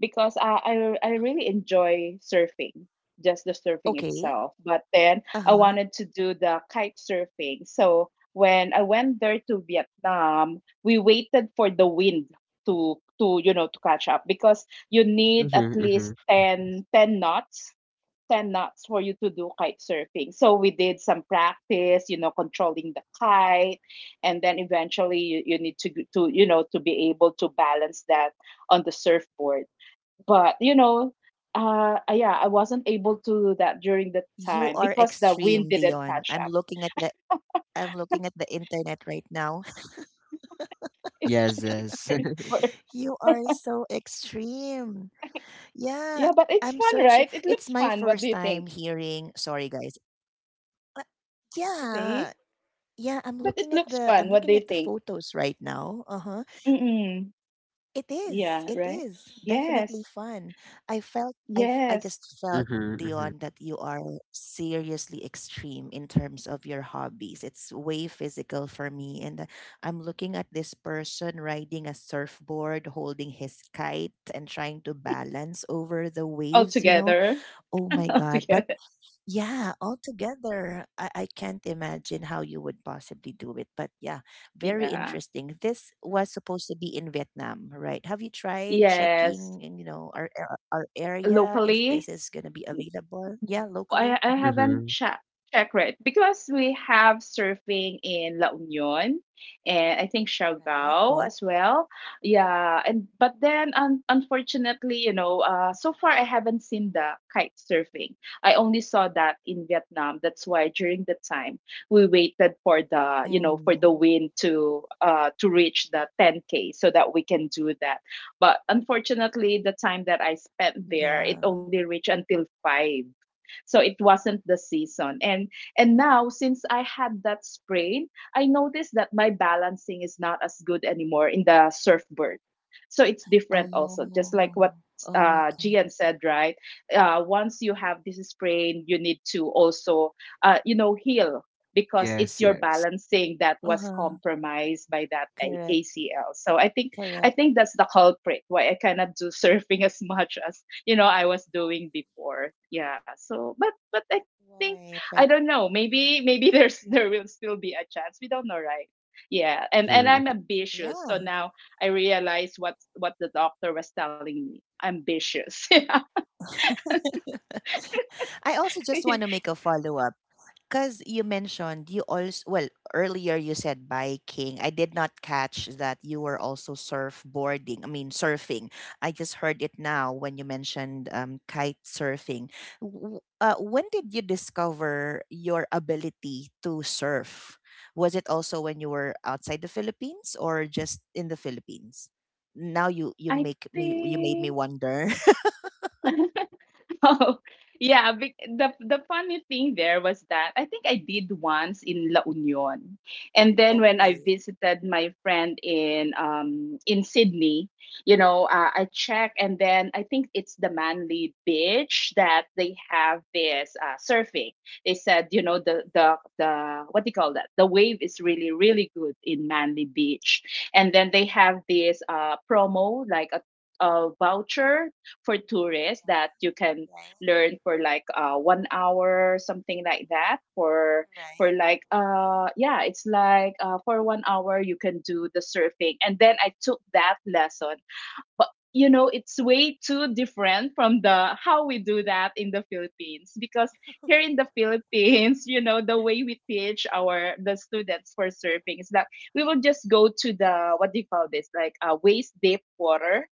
Speaker 2: because I really enjoy surfing, just the surfing
Speaker 1: Okay.
Speaker 2: itself. But then I
Speaker 1: Uh-huh.
Speaker 2: wanted to do the kite surfing. So when I went there to Vietnam, we waited for the wind to catch up, because you need at
Speaker 3: Mm-hmm. Mm-hmm.
Speaker 2: least ten knots, 10 knots, for you to do kite surfing. So we did some practice, controlling the kite, and then eventually you need to g- to you know to be able to balance that on the surfboard. But yeah, I wasn't able to do
Speaker 1: You
Speaker 2: that
Speaker 1: are
Speaker 2: during the time
Speaker 1: extreme,
Speaker 2: because the
Speaker 1: Dion. I'm
Speaker 2: wind didn't
Speaker 1: looking at
Speaker 2: catch
Speaker 1: the,
Speaker 2: up.
Speaker 1: I'm looking at the internet right now.
Speaker 2: it's
Speaker 3: Yes,
Speaker 2: just,
Speaker 3: yes.
Speaker 2: it's
Speaker 1: You
Speaker 2: hard.
Speaker 1: are so extreme. Yeah,
Speaker 2: Yeah,
Speaker 1: I'm
Speaker 2: but it's
Speaker 1: searching.
Speaker 2: fun, right?
Speaker 1: It's
Speaker 2: It
Speaker 1: my
Speaker 2: looks
Speaker 1: first
Speaker 2: fun. What
Speaker 1: time
Speaker 2: do you think?
Speaker 1: hearing. Sorry, guys. Uh, yeah.
Speaker 2: Really?
Speaker 1: Yeah, I'm looking at
Speaker 2: But it
Speaker 1: the, I'm
Speaker 2: looks
Speaker 1: looking
Speaker 2: fun,
Speaker 1: at the
Speaker 2: what do you think?
Speaker 1: photos right now. Uh-huh.
Speaker 2: Mm-mm.
Speaker 1: It is. It
Speaker 2: Yeah, right?
Speaker 1: is definitely
Speaker 2: Yes.
Speaker 1: fun. I felt, I
Speaker 2: Yes.
Speaker 1: just felt,
Speaker 3: Mm-hmm. Mm-hmm.
Speaker 1: Dion, that you are seriously extreme in terms of your hobbies. It's way physical for me, and I'm looking at this person riding a surfboard, holding his kite and trying to balance over the
Speaker 2: All
Speaker 1: waves, you know.
Speaker 2: together.
Speaker 1: Oh my
Speaker 2: All
Speaker 1: god. But
Speaker 2: together.
Speaker 1: yeah, altogether, I can't imagine how you would possibly do it. But yeah, very
Speaker 2: Yeah.
Speaker 1: interesting. This was supposed to be in Vietnam, right? Have you tried
Speaker 2: Yes.
Speaker 1: checking, in, you know, our area if
Speaker 2: Locally.
Speaker 1: this is going to be available? Yeah,
Speaker 2: I
Speaker 1: locally.
Speaker 2: I
Speaker 1: Hmm.
Speaker 2: haven't
Speaker 3: Mm-hmm.
Speaker 2: checked it, because we have surfing in La Union, and I think
Speaker 1: Right,
Speaker 2: Siargao
Speaker 1: right.
Speaker 2: as well. Yeah, and but then unfortunately, so far I haven't seen the kite surfing. I only saw that in Vietnam. That's why during the time we
Speaker 1: Mm,
Speaker 2: waited for the you know for the wind to reach the 10K, so that we can do that. But unfortunately, the time that I
Speaker 1: yeah.
Speaker 2: spent there, it only reached until five, so it wasn't the season. And now since I had that sprain, I noticed that my balancing is not as good anymore in the surfboard. So it's different also, just like what
Speaker 1: Oh, okay.
Speaker 2: Gian said, right? Once you have this sprain, you need to also, heal, because it's
Speaker 3: Yes,
Speaker 2: your
Speaker 3: yes.
Speaker 2: balancing that was
Speaker 1: Uh-huh.
Speaker 2: compromised by that A-
Speaker 1: Correct,
Speaker 2: ACL. So I think I
Speaker 1: correct.
Speaker 2: think that's the culprit why I cannot do surfing as much as I was doing before. Yeah. So but I think I
Speaker 1: Right,
Speaker 2: don't
Speaker 1: right.
Speaker 2: know. Maybe there will still be a chance. We don't know, right? Yeah. And
Speaker 3: Mm-hmm.
Speaker 2: I'm ambitious.
Speaker 1: Yeah.
Speaker 2: So now I realize what the doctor was telling me. Ambitious.
Speaker 1: I also just want to make a follow up, because you mentioned you also, well, earlier you said biking. I did not catch that you were also surfboarding, I mean surfing. I just heard it now when you mentioned kite surfing. When did you discover your ability to surf? Was it also when you were outside the Philippines, or just in the Philippines? Now you
Speaker 2: I
Speaker 1: make me you made me
Speaker 2: think.
Speaker 1: wonder.
Speaker 2: Oh, yeah. The funny thing there was that I think I did once in La Union, and then when I
Speaker 1: Okay,
Speaker 2: visited my friend in Sydney, I checked, and then I think it's the Manly Beach that they have this surfing. They said, the what do you call that? The wave is really really good in Manly Beach, and then they have this promo, like a voucher for tourists, that you can learn for like one hour, something like that, for
Speaker 1: right,
Speaker 2: like yeah, it's like for one hour you can do the surfing. And then I took that lesson. But it's way too different from the how we do that in the Philippines. Because here in the Philippines the way we teach our the students for surfing is that we will just go to the, what do you call this, like, waist deep water.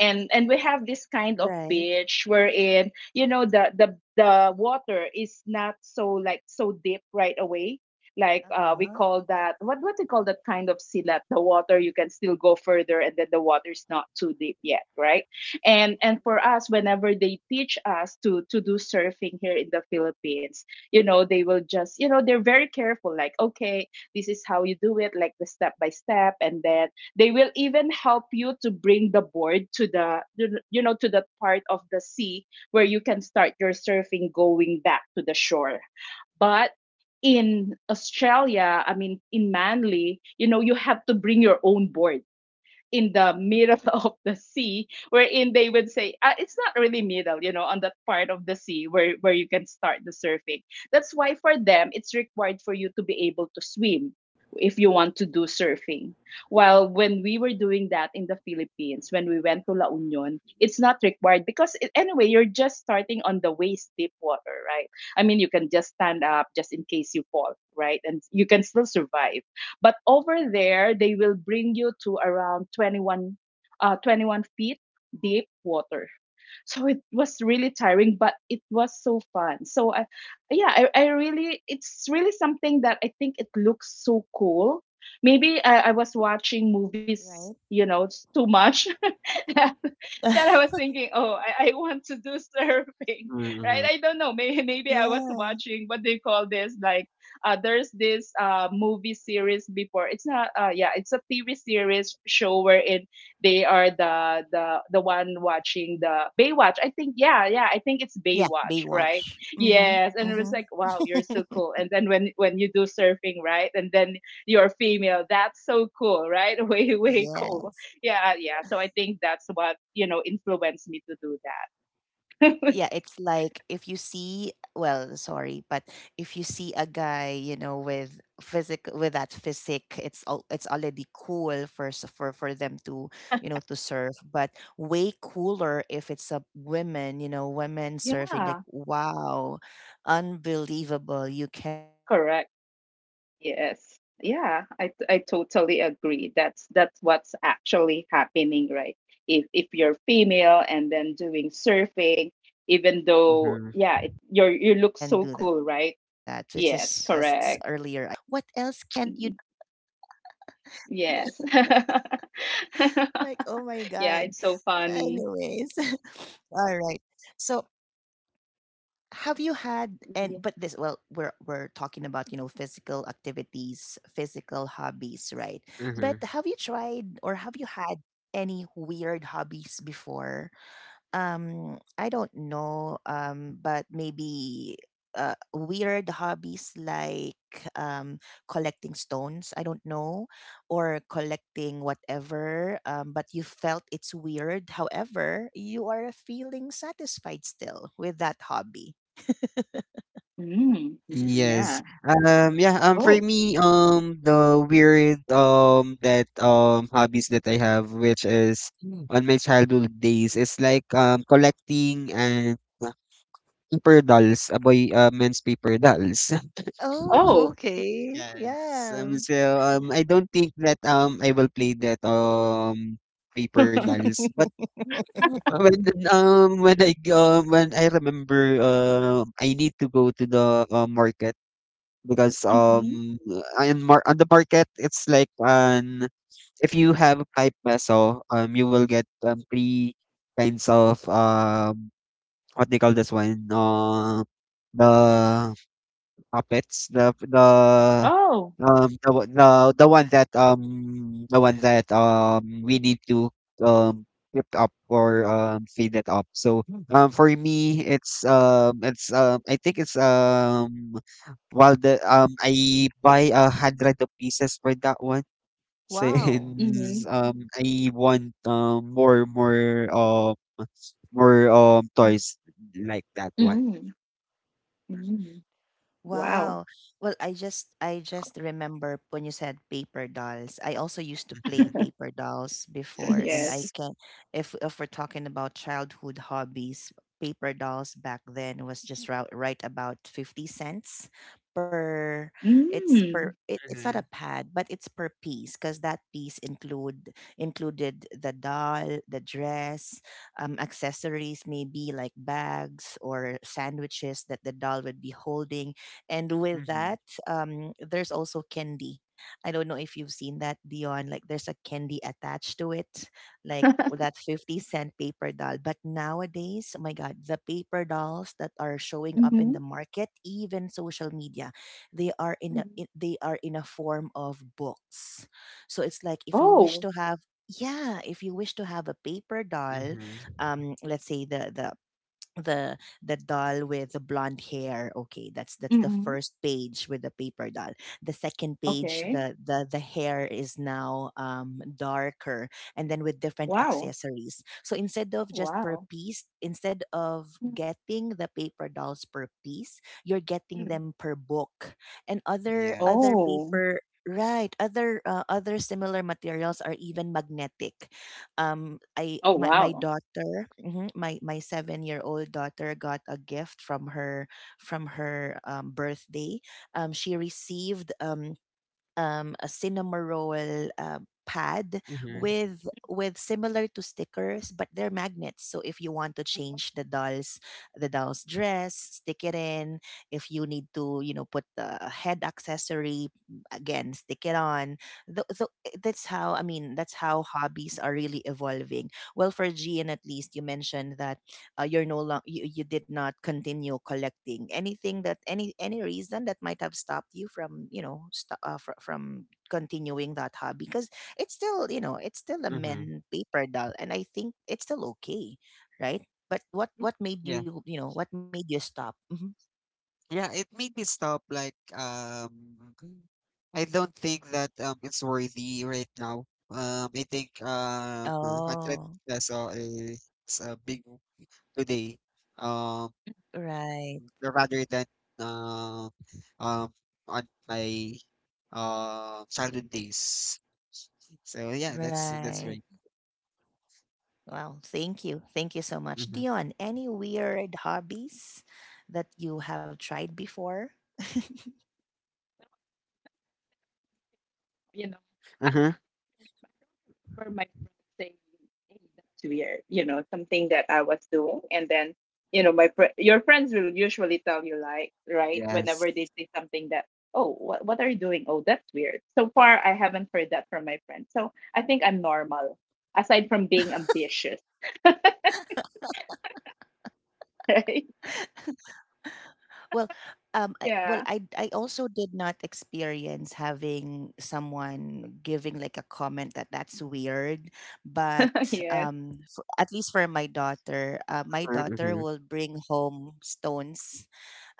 Speaker 2: And we have this kind of
Speaker 1: right.
Speaker 2: beach, wherein the water is not so, like, so deep right away. Like we
Speaker 1: Uh-huh,
Speaker 2: call that, what do you call that kind of silat, the water, you can still go further, and then the water is not too deep yet, right? And for us, whenever they teach us to do surfing here in the Philippines, they will just, they're very careful, like, okay, this is how you do it, like, the step by step, and then they will even help you to bring the board to the, to the part of the sea where you can start your surfing going back to the shore. But in Australia, I mean in Manly, you have to bring your own board in the middle of the sea, wherein they would say, it's not really middle, on that part of the sea where, you can start the surfing. That's why for them,
Speaker 1: uh-huh,
Speaker 2: it's required for you to be able to swim if you want to do surfing. While when we were doing that in the Philippines, when we went to La Union, it's not required, because it, anyway, you're just starting on the waist deep water, right? I mean, you can just stand up just in case you fall, right? And you can still survive. But over there, they will bring you to around 21 feet deep water. So it was really tiring, but it was so fun. So yeah, I really, it's really something that I think it looks so cool. Maybe I was
Speaker 1: right.
Speaker 2: watching movies, it's too much. That I was thinking, oh, I want to do surfing, right?
Speaker 3: Mm-hmm.
Speaker 2: I don't know. Maybe I
Speaker 1: Yeah.
Speaker 2: was watching what they call this. Like, there's this movie series before. It's not. Yeah, it's a TV series show where it they are the one watching the Baywatch. I think. Yeah, yeah. I think it's
Speaker 1: Yeah,
Speaker 2: Baywatch, right?
Speaker 1: Baywatch. Mhm.
Speaker 2: Yes. And it was
Speaker 1: Mhm.
Speaker 2: like, wow, you're so cool. And then when you do surfing, right? And then you're female. That's so cool, right? Way
Speaker 1: Yeah.
Speaker 2: cool, yeah, yeah. So I think that's what influenced me to do that.
Speaker 1: Yeah, it's like if you see, well, sorry, but if you see a guy, you know, with physic with that physique, it's all, it's already cool for for them to, you know, to surf, but way cooler if it's a women, you know, women surfing, like
Speaker 2: Yeah,
Speaker 1: wow, unbelievable. You can,
Speaker 2: correct. Yes. Yeah, I totally agree. That's what's actually happening, right? If you're female
Speaker 1: to
Speaker 2: and then
Speaker 1: surfing.
Speaker 2: doing
Speaker 1: So,
Speaker 2: surfing, even though
Speaker 3: Mm-hmm.
Speaker 2: yeah,
Speaker 1: Yon,
Speaker 2: it,
Speaker 1: come
Speaker 2: you're you
Speaker 1: on. I
Speaker 2: look
Speaker 1: don't
Speaker 2: so
Speaker 1: know.
Speaker 2: cool, right? Yes, correct. Mm. Yes.
Speaker 1: Like, oh my God. Anyways,
Speaker 2: Yeah, it's so
Speaker 1: all right.
Speaker 2: funny.
Speaker 1: So, have you had, and but this, well, we're
Speaker 2: Yeah.
Speaker 1: talking about, you know, physical activities, physical hobbies, right? But have you tried, or
Speaker 3: Mm-hmm.
Speaker 1: have you had any weird hobbies before? I don't know. But maybe weird hobbies like um collecting stones, I don't know, or collecting whatever. But you felt it's weird. However, you are feeling satisfied still with that hobby.
Speaker 2: Mm,
Speaker 3: Yes.
Speaker 2: yeah.
Speaker 3: Yeah, for
Speaker 2: Oh.
Speaker 3: me, the weird, hobbies that I have, which is on my childhood days, is like, collecting and paper dolls, a boy, men's paper dolls.
Speaker 1: Oh,
Speaker 2: Oh.
Speaker 1: okay.
Speaker 3: Yes.
Speaker 1: Yeah.
Speaker 3: I don't think that I will play that paper dolls. But when when I remember I need to go to the market because
Speaker 2: Mhm.
Speaker 3: on the market it's like an if you have 5 peso you will get three kinds of what they call this one the puppets,
Speaker 2: Oh.
Speaker 3: um the one- the the one that um the one that we need to flip up or fade it up. So for me it's I think it's while the I buy a hundred of pieces for that one
Speaker 1: Wow.
Speaker 3: since
Speaker 2: Mhm.
Speaker 3: I want more toys like that one.
Speaker 2: Mm. Mm. Wow.
Speaker 1: Wow. Well, I just remember when you said paper dolls. I also used to play
Speaker 3: Mhm.
Speaker 1: paper dolls before, and
Speaker 2: Yes.
Speaker 1: I
Speaker 3: Yes.
Speaker 1: can, if we're talking about childhood hobbies, paper dolls back then was just right, right about 50¢ per, it's per,
Speaker 2: Mm.
Speaker 1: it's not a pad, but it's per piece, because that piece included the doll, the dress, accessories, maybe like bags or sandwiches that the doll would be holding. And with
Speaker 3: Mm-hmm.
Speaker 1: that, there's also candy. I don't know if you've seen that, Dion. Like there's a candy attached to it, like that 50 cent paper doll. But nowadays, oh my God, the paper dolls that are showing up in
Speaker 2: Mhm.
Speaker 1: the market, even social media, they are in,
Speaker 2: Mm.
Speaker 1: they are in a form of books. So it's like if you wish
Speaker 2: Oh.
Speaker 1: to have, yeah, if you wish to have a paper doll,
Speaker 3: Mhm.
Speaker 1: let's say the the doll with the blonde hair, okay, that's the
Speaker 2: Mhm.
Speaker 1: first page with the paper doll. The second page,
Speaker 2: Okay.
Speaker 1: the hair is now darker, and then with different
Speaker 2: Wow.
Speaker 1: accessories. So instead
Speaker 2: Oh,
Speaker 1: of just per
Speaker 2: wow.
Speaker 1: piece, instead of
Speaker 2: Mm.
Speaker 1: getting the paper dolls per piece, you're getting
Speaker 2: Mm.
Speaker 1: them per book. And
Speaker 3: Yes.
Speaker 1: other
Speaker 2: Oh.
Speaker 1: paper, right. Other other similar materials are even magnetic.
Speaker 2: Oh,
Speaker 1: My
Speaker 2: wow.
Speaker 1: daughter, mhm, my 7 year old daughter got a gift from her, from her birthday. She received a cinema roll uh, pad,
Speaker 3: Mhm.
Speaker 1: with similar to stickers, but they're magnets. So if you want to change the doll's dress, stick it in. If you need to, you know, put the head accessory, again, stick it on. Th- th- that's how I mean. That's how hobbies are really evolving. Well, for Gian, at least you mentioned that you're no longer you did not continue collecting anything that any reason that might have stopped you from from continuing that hobby because it's still it's still a
Speaker 3: Mhm.
Speaker 1: men paper doll, and I think it's still okay, right? But
Speaker 3: Mm,
Speaker 1: what made
Speaker 3: yeah.
Speaker 1: you, you know what made you stop? Mhm.
Speaker 3: Yeah, it made me stop like I don't think that it's worthy right now. I think
Speaker 1: Oh,
Speaker 3: 100 peso is a big today. Um
Speaker 1: right,
Speaker 3: rather than um um on my childhood days. So yeah, that's right.
Speaker 1: right. Well, thank you, so much,
Speaker 3: Mm-hmm.
Speaker 1: Dion. Any weird hobbies that you have tried before?
Speaker 2: you know, I,
Speaker 3: Uh-huh.
Speaker 2: I remember my friend saying, hey, that's weird, something that I was doing. And then, my your friends will usually tell you, like, right,
Speaker 3: Yes.
Speaker 2: whenever they say something that, oh, what are you doing? Oh, that's weird. So far, I haven't heard that from my friends. So I think I'm normal, aside from being ambitious, right?
Speaker 1: Well, I,
Speaker 2: Yeah.
Speaker 1: I also did not experience having someone giving like a comment that that's weird, but
Speaker 2: Yes.
Speaker 1: for, at least for my daughter
Speaker 3: Mm-hmm.
Speaker 1: will bring home stones,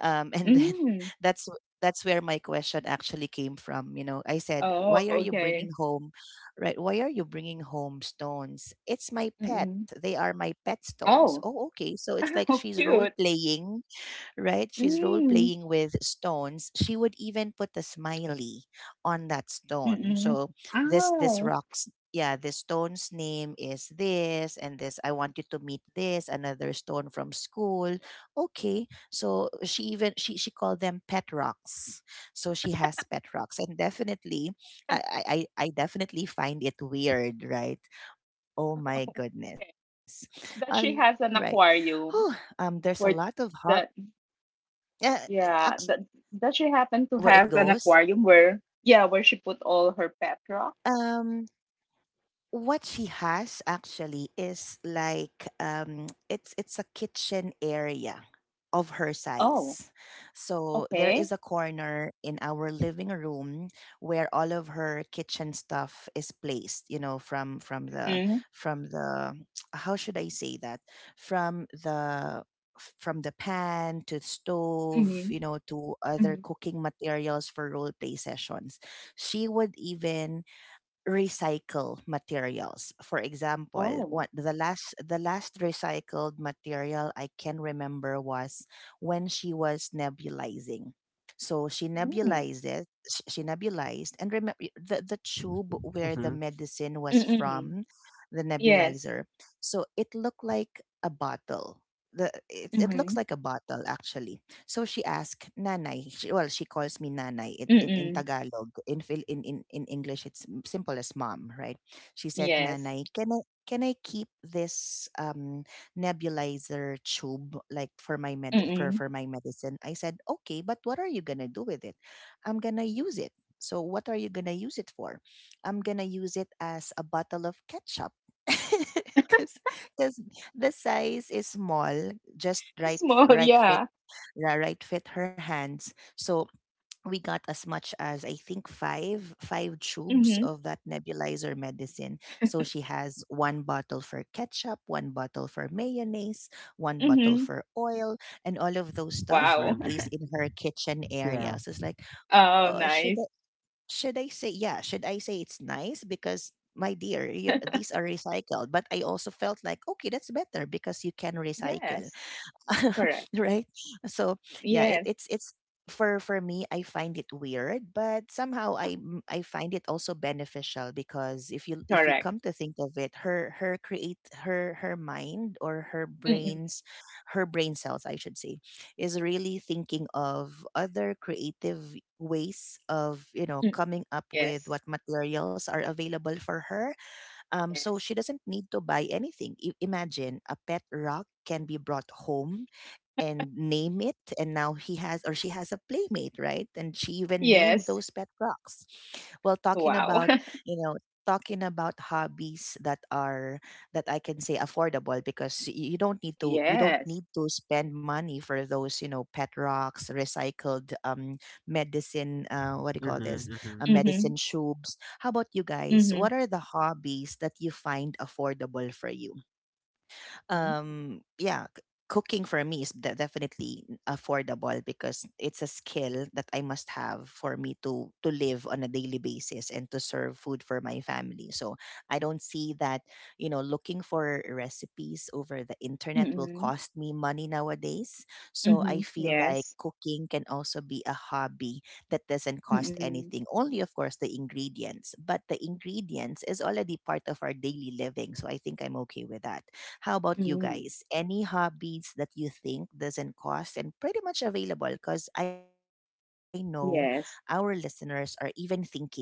Speaker 1: and then
Speaker 2: Mm.
Speaker 1: that's where my question actually came from. You know, I said, "Why
Speaker 2: Oh,
Speaker 1: are you
Speaker 2: okay.
Speaker 1: bringing home, right? Why are you bringing home stones? It's my pet.
Speaker 2: Mm-mm.
Speaker 1: They are my pet stones."
Speaker 2: Oh,
Speaker 1: Oh, okay. So it's like
Speaker 2: oh,
Speaker 1: she's role
Speaker 2: cute.
Speaker 1: playing, right? She's role
Speaker 2: Mm.
Speaker 1: playing with stones. She would even put a smiley on that stone.
Speaker 2: Mm-mm.
Speaker 1: So this
Speaker 2: Oh.
Speaker 1: rocks. Yeah, this stone's name is this and this. I want you to meet this, another stone from school. Okay. So she even she called them pet rocks. So she has pet rocks. And definitely I definitely find it weird, right? Oh my goodness. All right.
Speaker 2: That she
Speaker 1: Oh,
Speaker 2: has an
Speaker 1: there's a lot
Speaker 2: aquarium
Speaker 1: of hop,
Speaker 2: where that
Speaker 1: uh,
Speaker 2: yeah that
Speaker 1: where
Speaker 2: that
Speaker 1: it
Speaker 2: she happened
Speaker 1: goes.
Speaker 2: to have an aquarium where where she put all her pet
Speaker 1: Um,
Speaker 2: rocks.
Speaker 1: what she has actually is like it's a kitchen area of her
Speaker 2: Oh,
Speaker 1: size. So there is
Speaker 2: okay.
Speaker 1: a corner in our living room where all of her kitchen stuff is placed, you know,
Speaker 2: Mm-hmm.
Speaker 1: from the how should I say that? From the from the pan to stove,
Speaker 2: Mm-hmm.
Speaker 1: you know, to other
Speaker 2: Hmm.
Speaker 1: cooking materials for role play sessions. She would even recycle materials. For example,
Speaker 2: Oh.
Speaker 1: what the last recycled material I can remember was when she was nebulizing. So she
Speaker 2: Mm.
Speaker 1: nebulized it. She nebulized, and remember the tube where the
Speaker 3: Mm-hmm.
Speaker 1: medicine was
Speaker 2: Mm-mm.
Speaker 1: from, the
Speaker 2: Yes.
Speaker 1: nebulizer. So it looked like a bottle. It
Speaker 2: Mm-hmm.
Speaker 1: looks like a bottle actually. So she asked, Nanay, she, well, she calls me Nanay it, in
Speaker 2: Mm-mm.
Speaker 1: Tagalog. In, in English, it's simple as mom, right? She said,
Speaker 2: Yes.
Speaker 1: Nanay, can I keep this nebulizer tube like for my
Speaker 2: Mm-mm.
Speaker 1: for my medicine? I said, okay, but what are you going to do with it? I'm going to use it. So what are you going to use it for? I'm going to use it as a bottle of ketchup. Because the size is small, just right
Speaker 2: Small.
Speaker 1: right
Speaker 2: Yeah.
Speaker 1: fit, yeah, right fit her hands. So we got as much as I think five tubes
Speaker 2: Mm-hmm.
Speaker 1: of that nebulizer medicine. So she has one bottle for ketchup, one bottle for mayonnaise, one bottle
Speaker 2: Mm-hmm.
Speaker 1: for oil, and all of those stuff are
Speaker 2: Wow.
Speaker 3: Mm-hmm.
Speaker 1: placed in her kitchen
Speaker 3: Yeah.
Speaker 1: area. So it's like,
Speaker 2: Oh,
Speaker 1: uh, should
Speaker 2: nice.
Speaker 1: I, should I say yeah? Should I say it's nice because my dear, you're, these are recycled. But I also felt like okay, that's better because you can recycle.
Speaker 2: Yes. Correct.
Speaker 1: Right? So yeah,
Speaker 2: Yes.
Speaker 1: it's for me, I find it weird, but somehow I find it also beneficial because if you
Speaker 2: Correct.
Speaker 1: come to think of it, her mind or her
Speaker 2: Mm-mm.
Speaker 1: brains, her brain cells, I should say, is really thinking of other creative ways of, you know,
Speaker 2: Mm-mm.
Speaker 1: coming up with
Speaker 2: Yes.
Speaker 1: what materials are available for her. So she
Speaker 2: Yes.
Speaker 1: doesn't need to buy anything. Imagine a pet rock can be brought home and name it, and now he has or she has a playmate, right? And she even named
Speaker 2: Yes.
Speaker 1: those pet rocks. Well, talking
Speaker 2: Wow.
Speaker 1: about, you know, talking about hobbies that are, that I can say affordable because you don't need to,
Speaker 2: Yes.
Speaker 1: spend money for those, you know, pet rocks, recycled, medicine, what do you call
Speaker 3: Mhm.
Speaker 1: this,
Speaker 3: Mhm.
Speaker 2: Mm-hmm.
Speaker 1: medicine tubes. How about you guys?
Speaker 2: Mm-hmm.
Speaker 1: What are the hobbies that you find affordable for you? Yeah, cooking for me is definitely affordable because it's a skill that I must have for me to live on a daily basis and to serve food for my family. So I don't see that, you know, looking for recipes over the internet will
Speaker 2: Mm-hmm.
Speaker 1: cost me money nowadays. So
Speaker 2: Mm-hmm.
Speaker 1: I feel like
Speaker 2: Yes.
Speaker 1: cooking can also be a hobby that doesn't cost
Speaker 2: Mm-mm.
Speaker 1: anything, only of course the ingredients, but the ingredients is already part of our daily living, so I think I'm okay with that. How about you
Speaker 2: Mm.
Speaker 1: guys? Any hobbies that you think doesn't cost and pretty much available? Because I know our listeners
Speaker 2: Yes.
Speaker 1: are even thinking, you know,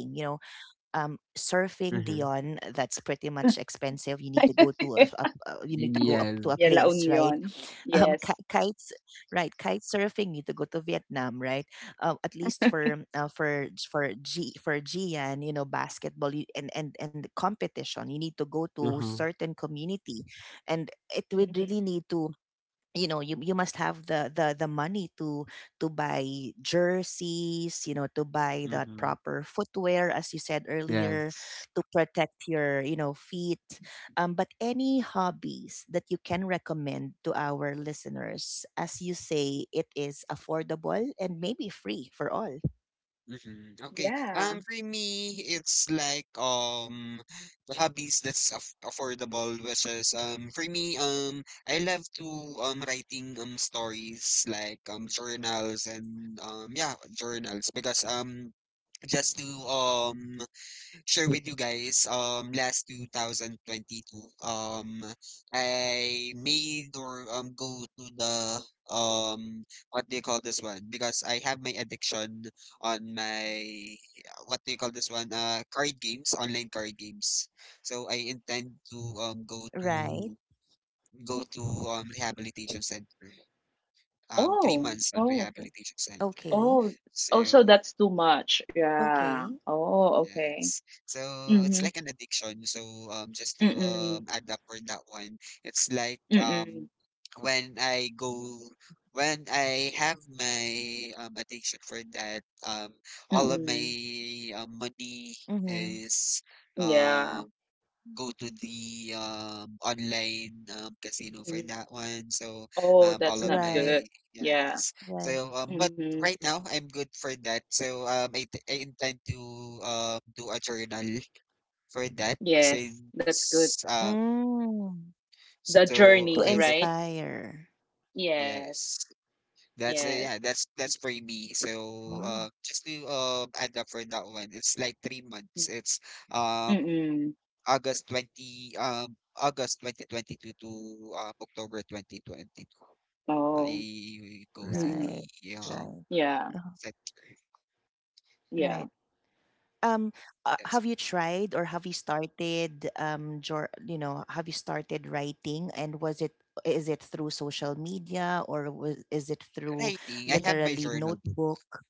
Speaker 1: surfing Dion, that's
Speaker 3: Mhm.
Speaker 1: pretty much expensive. You need to go to a, you need to go up to a
Speaker 3: Yes.
Speaker 1: place,
Speaker 2: Yeah, La
Speaker 1: right?
Speaker 2: Union. Yes.
Speaker 1: Kites, right? Kite surfing need to go to Vietnam, right? At least for for G for Gian, you know, basketball you, and the competition, you need to go to
Speaker 3: Mhm.
Speaker 1: certain community, and it would really
Speaker 2: Mhm.
Speaker 1: need to, you know, you must have the the money to buy jerseys, you know, to buy that
Speaker 3: Mhm.
Speaker 1: proper footwear as you said earlier,
Speaker 3: Yes.
Speaker 1: to protect your, you know, feet. But any hobbies that you can recommend to our listeners as you say it is affordable and maybe free for all?
Speaker 3: Mhm. Okay.
Speaker 2: Yeah.
Speaker 3: For me, it's like the hobbies that's affordable, which is for me I love to writing stories like journals and yeah, journals because just to share with you guys, last 2022, um, I made or go to the um what do you call this one? Because I have my addiction on my what do you call this one? Card games, online card games. So I intend to
Speaker 1: Right,
Speaker 3: go to rehabilitation center. Three
Speaker 2: Oh.
Speaker 3: months on
Speaker 2: Oh, okay.
Speaker 3: rehabilitation
Speaker 1: okay,
Speaker 3: center.
Speaker 2: Oh. Oh, so
Speaker 3: So
Speaker 2: that's too
Speaker 1: okay,
Speaker 2: much. Yeah. Oh, okay.
Speaker 3: yes. So it's
Speaker 2: Mm-hmm.
Speaker 3: like an addiction. So just to
Speaker 2: Mm-mm.
Speaker 3: add up for that one, it's like
Speaker 2: Mm-mm.
Speaker 3: when I go when I have my addiction for that, all of
Speaker 2: Mm-mm.
Speaker 3: my
Speaker 1: mm-hmm.
Speaker 3: money is
Speaker 2: Yeah.
Speaker 3: um go to the online casino for
Speaker 2: Mm-hmm.
Speaker 3: that one. So
Speaker 2: Oh,
Speaker 1: Right,
Speaker 3: all
Speaker 2: that's
Speaker 3: of
Speaker 2: not
Speaker 3: my
Speaker 2: good.
Speaker 1: right.
Speaker 2: Yeah.
Speaker 3: yes. So but
Speaker 2: Mm-hmm.
Speaker 3: right now I'm good for that. So I I intend to do a journal for that
Speaker 2: Yes. That's good.
Speaker 3: since
Speaker 1: Mm. To
Speaker 2: The
Speaker 3: so I
Speaker 2: journey,
Speaker 3: just
Speaker 2: right?
Speaker 1: inspire,
Speaker 2: Yes.
Speaker 3: yes. That's yeah,
Speaker 2: Yes.
Speaker 3: that's for me.
Speaker 1: wow,
Speaker 3: So just to add up for that one, it's like 3 months. It's um
Speaker 2: Mm-mm.
Speaker 3: August 20, um, August 2022 to October 2022.
Speaker 2: Oh.
Speaker 3: I go through
Speaker 1: right,
Speaker 2: Mm-mm.
Speaker 3: the
Speaker 1: right.
Speaker 2: Yeah.
Speaker 1: Uh-huh.
Speaker 3: set
Speaker 1: Right.
Speaker 2: Yeah.
Speaker 1: Um,
Speaker 3: that's
Speaker 1: have you tried, or have you started jor you know, have you started writing? And was it, is it through social media, or is it through
Speaker 3: writing. I have my
Speaker 1: literally
Speaker 3: journal book.
Speaker 1: notebook,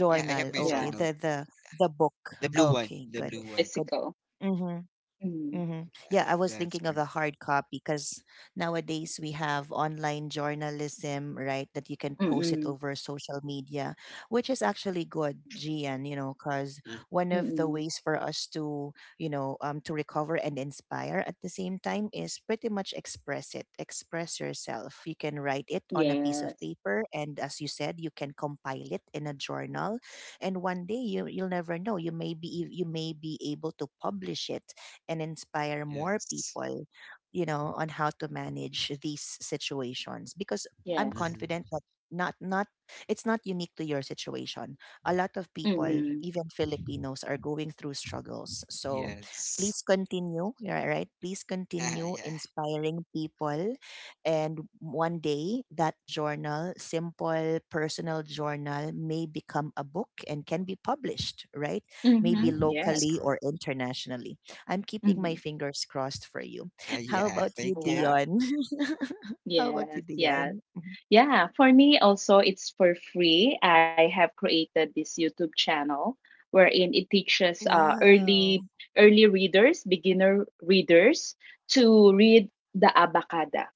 Speaker 3: Yeah, I have my
Speaker 1: Okay,
Speaker 2: Yeah.
Speaker 3: journal.
Speaker 1: the the book.
Speaker 3: The blue one.
Speaker 1: Okay,
Speaker 3: The blue
Speaker 1: good.
Speaker 3: one.
Speaker 1: Good.
Speaker 2: Physical.
Speaker 1: Mhm.
Speaker 2: Mm.
Speaker 1: Mm-hmm. Yeah, I was
Speaker 3: That's
Speaker 1: thinking
Speaker 3: pretty.
Speaker 1: of the hard copy because nowadays we have online journalism, right? That you can post it
Speaker 2: Mm-mm.
Speaker 1: over social media, which is actually good, Gian, you know, because
Speaker 3: Mm,
Speaker 1: one of the
Speaker 2: Mm-mm.
Speaker 1: ways for us to, you know, to recover and inspire at the same time is pretty much express it, express yourself. You can write it on a piece of
Speaker 2: Yes.
Speaker 1: paper. And as you said, you can compile it in a journal. And one day you, you'll never know. You may be able to publish it and inspire more
Speaker 3: yes.
Speaker 1: people, you know, on how to manage these situations. Because I'm
Speaker 2: Yes.
Speaker 3: Mm-hmm.
Speaker 1: confident that not not it's not unique to your situation. A lot of people,
Speaker 2: Mm-mm.
Speaker 1: even Filipinos, are going through struggles. So
Speaker 3: Yes.
Speaker 1: please continue, yeah, right? Please
Speaker 3: Ah,
Speaker 1: continue
Speaker 3: yeah.
Speaker 1: inspiring people, and one day that journal, simple personal journal, may become a book and can be published, right? Maybe
Speaker 2: Mm-hmm.
Speaker 3: Mm-hmm. That's
Speaker 1: locally
Speaker 2: Yes.
Speaker 3: correct.
Speaker 1: or internationally. I'm keeping my
Speaker 2: Mm-hmm.
Speaker 1: fingers crossed for you.
Speaker 3: Ah,
Speaker 1: How
Speaker 3: yeah.
Speaker 1: about
Speaker 3: Thank
Speaker 1: you,
Speaker 3: you.
Speaker 2: Wow.
Speaker 1: Dion? How about
Speaker 2: Yes.
Speaker 1: you,
Speaker 2: Yes.
Speaker 1: Dion?
Speaker 2: Yeah, for me also, it's for free. I have created this YouTube channel wherein it teaches uh,
Speaker 1: Wow.
Speaker 2: early early readers, beginner readers, to read the Abacada.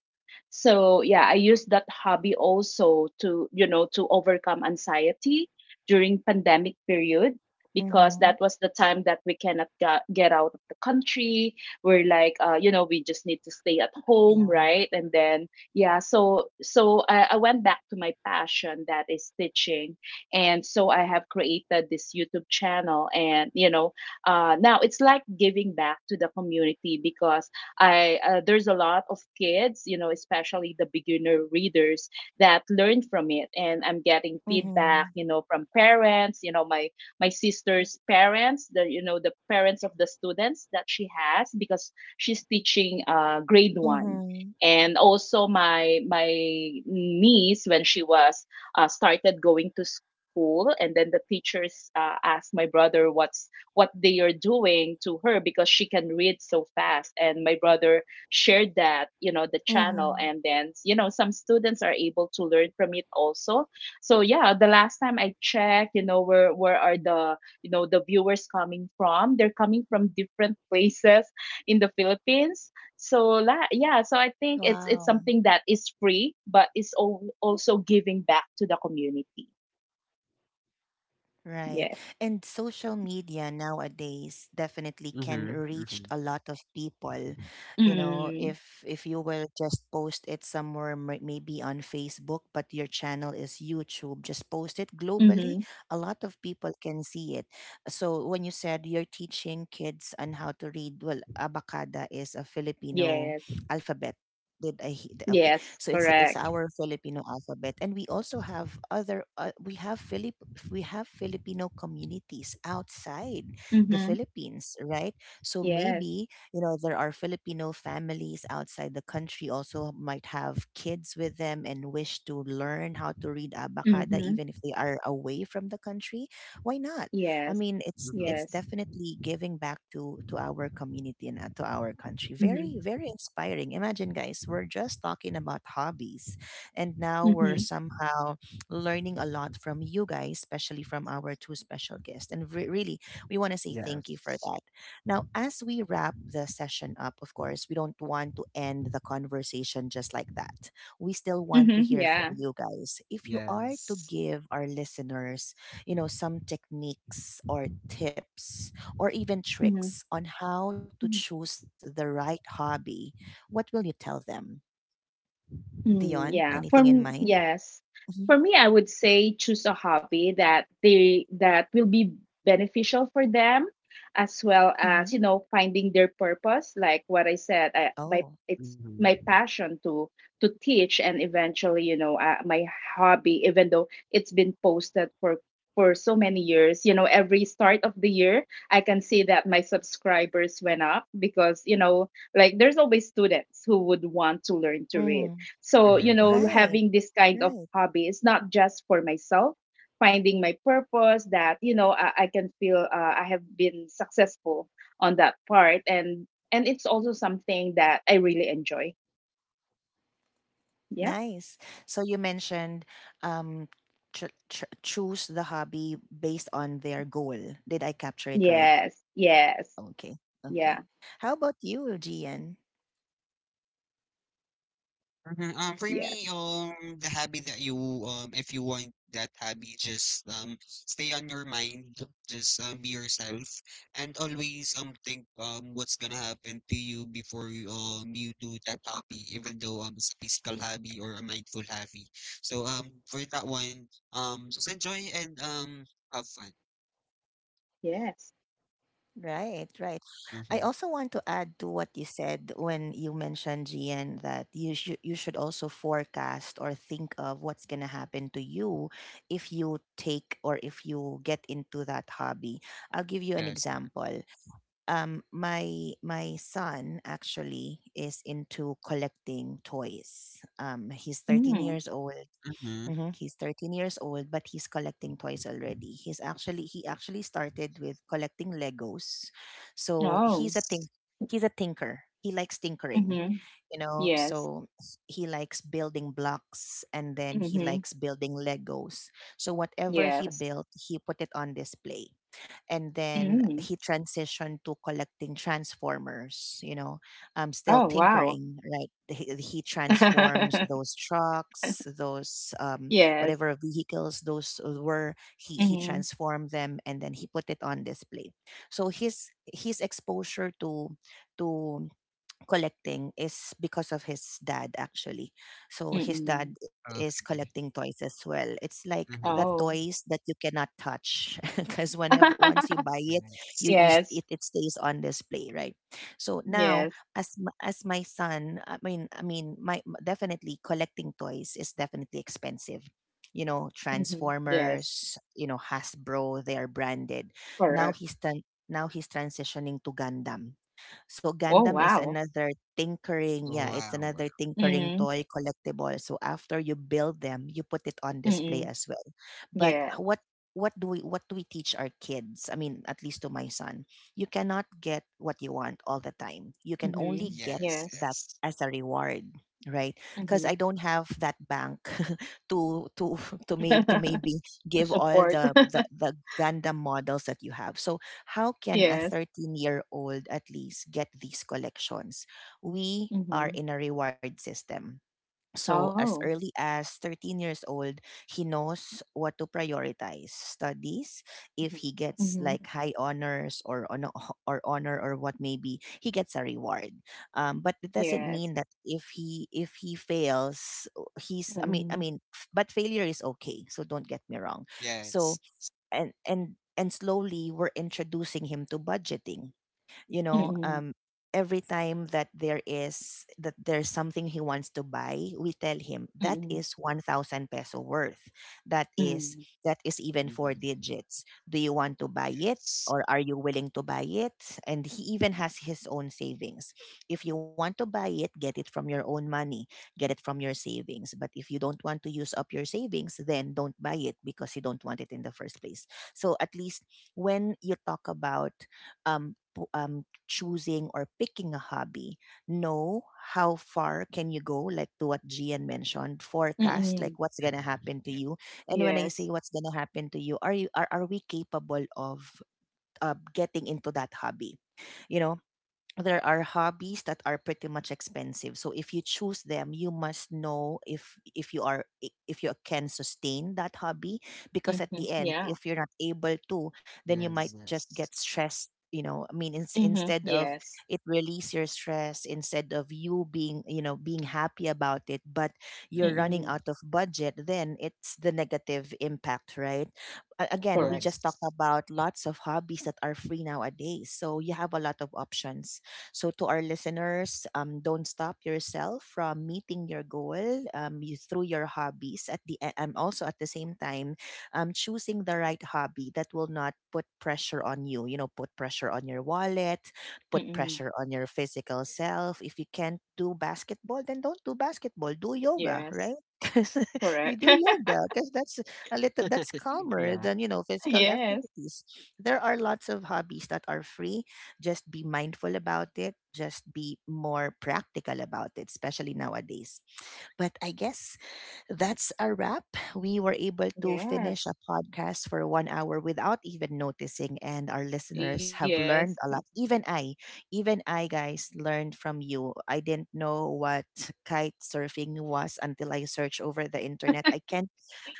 Speaker 2: So yeah, I used that hobby also to overcome anxiety during pandemic period
Speaker 1: Mm-hmm.
Speaker 2: because that was the time that we cannot get out of the country. We're like, we just need to stay at
Speaker 1: Yeah.
Speaker 2: home, right? And then, yeah, so I went back to my passion that is stitching, and so I have created this YouTube channel, and now it's like giving back to the community because I there's a lot of kids, you know, especially the beginner readers that learn from it, and I'm
Speaker 1: Mm-hmm.
Speaker 2: getting feedback, you know, from parents, you know, my sister's parents, the you know the parents of the students that she has because she's teaching
Speaker 1: Mm-hmm.
Speaker 2: grade one. And also my niece when she was started going to school, and then the teachers asked my brother what they are doing to her because she can read so fast and my brother shared that the
Speaker 1: Mm-hmm.
Speaker 2: channel and then some students are able to learn from it also so yeah, the last time I checked, you know, where are the the viewers coming from, they're coming from different places in the Philippines, so I think it's
Speaker 1: Wow.
Speaker 2: something that is free but it's also giving back to the community.
Speaker 1: Right.
Speaker 2: Yes.
Speaker 1: And social media nowadays definitely
Speaker 3: Mm-hmm.
Speaker 1: can
Speaker 3: Mm-hmm.
Speaker 1: reach a lot of people. You know,
Speaker 2: Mm.
Speaker 1: if you will just post it somewhere maybe on Facebook, but your channel is YouTube, just post it globally,
Speaker 2: Mm-hmm.
Speaker 1: a lot of people can see it. So when you said you're teaching kids on how to read, well, Abacada is a Filipino
Speaker 2: Yes.
Speaker 1: alphabet. Did I okay?
Speaker 2: Yes,
Speaker 1: So it's
Speaker 2: correct.
Speaker 1: our Filipino alphabet, and we also have other we have Filipino communities outside the
Speaker 2: Mhm.
Speaker 1: Philippines, right? So
Speaker 2: Yes.
Speaker 1: maybe, you know, there are Filipino families outside the country also might have kids with them and wish to learn how to read abacada
Speaker 2: Mhm.
Speaker 1: even if they are away from the country. Why not? I
Speaker 2: Yes.
Speaker 1: mean,
Speaker 3: Mm-hmm.
Speaker 1: it's
Speaker 2: Yes.
Speaker 1: definitely giving back to our community and, to our country.
Speaker 2: Mhm.
Speaker 1: Very very inspiring. Imagine, guys, we're just talking about hobbies, and now we're
Speaker 2: Mhm.
Speaker 1: somehow learning a lot from you guys, especially from our two special guests. And really, we want to say thank you for
Speaker 3: Yes.
Speaker 1: that. Now, as we wrap the session up, of course, we don't want to end the conversation just like that. We still want to
Speaker 2: Mhm.
Speaker 1: hear
Speaker 2: Yeah.
Speaker 1: from you guys. If you are to
Speaker 3: Yes.
Speaker 1: give our listeners, you know, some techniques or tips or even tricks on how to
Speaker 2: Mhm.
Speaker 1: choose the right hobby, what will you tell them? Dion,
Speaker 2: Mm,
Speaker 1: anything
Speaker 2: yeah.
Speaker 1: in mind?
Speaker 2: Yes.
Speaker 1: Hmm,
Speaker 2: For me, I would say choose a hobby that they that will be beneficial for them as well
Speaker 1: hmm.
Speaker 2: as finding their purpose, like what I said, I, my
Speaker 1: Oh,
Speaker 2: it's
Speaker 3: Mm-hmm.
Speaker 2: my passion to teach and eventually, my hobby, even though it's been posted for so many years, you know, every start of the year, I can see that my subscribers went up because, you know, like there's always students who would want to learn to
Speaker 1: mm,
Speaker 2: read,
Speaker 3: Mm-hmm.
Speaker 2: so,
Speaker 3: Mm-hmm.
Speaker 1: right,
Speaker 2: having this kind
Speaker 1: right.
Speaker 2: of hobby is not just for myself, finding my purpose that, you know, I can feel I have been successful on that part. And it's also something that I really enjoy. Yeah.
Speaker 1: Nice. So you mentioned um, choose the hobby based on their goal. Did I capture it right?
Speaker 2: Yes. Yes.
Speaker 1: Okay, okay.
Speaker 2: Yeah.
Speaker 1: How about you, Gian?
Speaker 3: Mhm. For me,
Speaker 2: Yes.
Speaker 3: the hobby that you if you want that hobby, just stay on your mind, just be yourself, and always think what's gonna happen to you before you you do that hobby, even though it's a physical hobby or a mindful hobby. So for that one, just enjoy and have fun.
Speaker 2: Yes.
Speaker 1: Right, right. I also want to
Speaker 3: Mm-hmm.
Speaker 1: add to what you said when you mentioned GN that you should also forecast or think of what's gonna happen to you if you take or if you get into that hobby. I'll give you an
Speaker 3: That's correct.
Speaker 1: example. My my son actually is into collecting toys. He's 13
Speaker 2: Mm.
Speaker 1: years old,
Speaker 3: Mm-hmm.
Speaker 1: hmm. He's 13 years old, but he's collecting toys already. He actually started with collecting Legos. So
Speaker 2: Oh.
Speaker 3: Yes.
Speaker 1: he's a tinker. He likes tinkering,
Speaker 2: Mm-hmm.
Speaker 1: you know.
Speaker 2: Yes.
Speaker 1: He likes building blocks, and then he
Speaker 2: Mm-hmm.
Speaker 1: likes building Legos. So whatever he
Speaker 2: Yes.
Speaker 1: built, he put it on display, and then
Speaker 2: Mm.
Speaker 1: he transitioned to collecting transformers, you know. Still
Speaker 2: Oh, wow.
Speaker 1: tinkering, right? He transforms those trucks, those
Speaker 2: Yes.
Speaker 1: whatever vehicles those were. He
Speaker 2: Mm-hmm.
Speaker 1: transformed them, and then he put it on display. So his exposure to collecting is because of his dad, actually. So his
Speaker 2: Mm-mm.
Speaker 1: dad is
Speaker 3: Okay.
Speaker 1: collecting toys as well. It's like the
Speaker 3: Mm-hmm.
Speaker 2: Oh.
Speaker 1: toys that you cannot touch because whenever once you buy it,
Speaker 3: Yes.
Speaker 1: you, you st-
Speaker 2: Yes.
Speaker 1: it, it stays on display, right? So now
Speaker 2: Yes.
Speaker 1: as m- as my son I mean my m- definitely collecting toys is definitely expensive, you know.
Speaker 2: Mhm. Yes.
Speaker 1: Transformers, you know, Hasbro, they are branded. now
Speaker 2: Correct.
Speaker 1: he's tran Now he's transitioning to Gundam. So
Speaker 2: Oh,
Speaker 1: Gundam is
Speaker 2: wow.
Speaker 1: another tinkering,
Speaker 3: Oh
Speaker 1: yeah, it's
Speaker 3: wow. Wow.
Speaker 1: another tinkering
Speaker 2: Mhm.
Speaker 1: toy collectible. So after you build them, you put it on display
Speaker 2: Mhm.
Speaker 1: as well. But
Speaker 2: Yes.
Speaker 1: what what do we teach our kids? I mean, at least to my son, you cannot get what you want all the time. You can
Speaker 2: Mhm.
Speaker 1: only get
Speaker 3: Yes.
Speaker 2: Yes.
Speaker 1: that
Speaker 3: Yes.
Speaker 1: as a reward, right? Because I
Speaker 2: Mhm.
Speaker 1: don't have that bank to to maybe
Speaker 2: To
Speaker 1: give all
Speaker 2: support.
Speaker 1: the the, the Gundam models that you have. So how can a
Speaker 2: Yes.
Speaker 1: 13-year-old at least get these collections? We are
Speaker 2: Mhm.
Speaker 1: in a reward system. So, as
Speaker 2: Oh.
Speaker 1: early as 13 years old, he knows what to prioritize: studies.
Speaker 2: Mhm.
Speaker 1: If he gets
Speaker 2: Mhm.
Speaker 1: like high honors, or honor or what maybe, he gets a reward. But it doesn't
Speaker 2: Yes.
Speaker 1: mean that if he fails he's I
Speaker 2: Mhm.
Speaker 1: mean f- but failure is okay, so don't get me wrong.
Speaker 3: Yes.
Speaker 1: So and slowly we're introducing him to budgeting, you know.
Speaker 2: Mhm.
Speaker 1: Every time that there is that there's something he wants to buy, we tell him that
Speaker 2: Mhm.
Speaker 1: is 1,000 peso worth, that is
Speaker 2: Mhm.
Speaker 1: that is even four
Speaker 3: Mm-hmm.
Speaker 1: digits. Do you want to buy it,
Speaker 3: Yes.
Speaker 1: or are you willing to buy it? And he even has his own savings. If you want to buy it, get it from your own money, get it from your savings. But if you don't want to use up your savings, then don't buy it, because you don't want it in the first place. So at least when you talk about um, pu- um, choosing or picking a hobby, know how far can you go, like to what Gian mentioned, forecast like
Speaker 2: Mhm.
Speaker 1: what's gonna
Speaker 3: Mm-hmm.
Speaker 1: happen
Speaker 3: Yeah.
Speaker 1: to you. And when I say
Speaker 2: Yes.
Speaker 1: what's gonna happen to you, are we capable of getting into that hobby? You know, there are hobbies that are pretty much expensive, so if you choose them, you must know if you are if you can sustain that hobby, because at
Speaker 2: Mhm.
Speaker 1: the end,
Speaker 2: Yeah.
Speaker 1: if you're not able to, then you
Speaker 3: Yes.
Speaker 1: might just
Speaker 3: Yes.
Speaker 1: get stressed, you know.
Speaker 2: Mhm.
Speaker 1: Instead of
Speaker 2: Yes.
Speaker 1: it release your stress, instead of you being, you know, being happy about it, but you're running
Speaker 3: Mm-hmm.
Speaker 2: Mhm.
Speaker 1: out of budget, then it's the negative impact, right? Again, we
Speaker 2: Correct.
Speaker 1: just talked
Speaker 3: Yes.
Speaker 1: about lots of hobbies that are free nowadays. So you have a lot of options. So to our listeners, don't stop yourself from meeting your goal, through your hobbies. Also at the same time, choosing the right hobby that will not put pressure on you. You know, put pressure on your wallet, put
Speaker 2: Mhm.
Speaker 1: pressure on your physical self. If you can't do basketball, then don't do basketball. Do yoga,
Speaker 2: Yes.
Speaker 1: right? 'Cause you
Speaker 2: Correct.
Speaker 1: do yoga because that's a little that's
Speaker 3: Yeah.
Speaker 1: calmer than, you know, physical
Speaker 2: Yes.
Speaker 1: activities. There are lots of hobbies that are free. Just be mindful about it, just be more practical about it, especially nowadays. But I guess that's a wrap. We were able to finish a
Speaker 2: Yes.
Speaker 1: podcast for 1 hour without even noticing, and our listeners have
Speaker 2: Yes.
Speaker 1: learned a lot. Even I, guys, learned from you. I didn't know what kite surfing was until I searched over the internet. I can't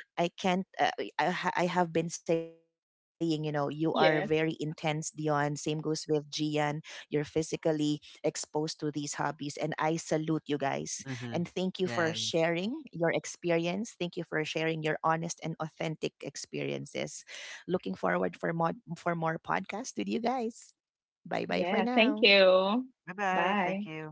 Speaker 1: I can't. I have been saying, you know, you are very intense,
Speaker 2: Yes.
Speaker 1: Dion. Same goes with Gian. You're physically exposed to these hobbies, and I salute you guys. And thank
Speaker 3: Mm-hmm.
Speaker 1: you for
Speaker 3: Yeah.
Speaker 1: sharing your experience. Thank you for sharing your honest and authentic experiences. Looking forward for more podcasts with you guys. Bye bye for
Speaker 2: Yeah, thank
Speaker 1: now.
Speaker 2: you.
Speaker 3: Bye bye.
Speaker 2: Bye.
Speaker 3: Thank you.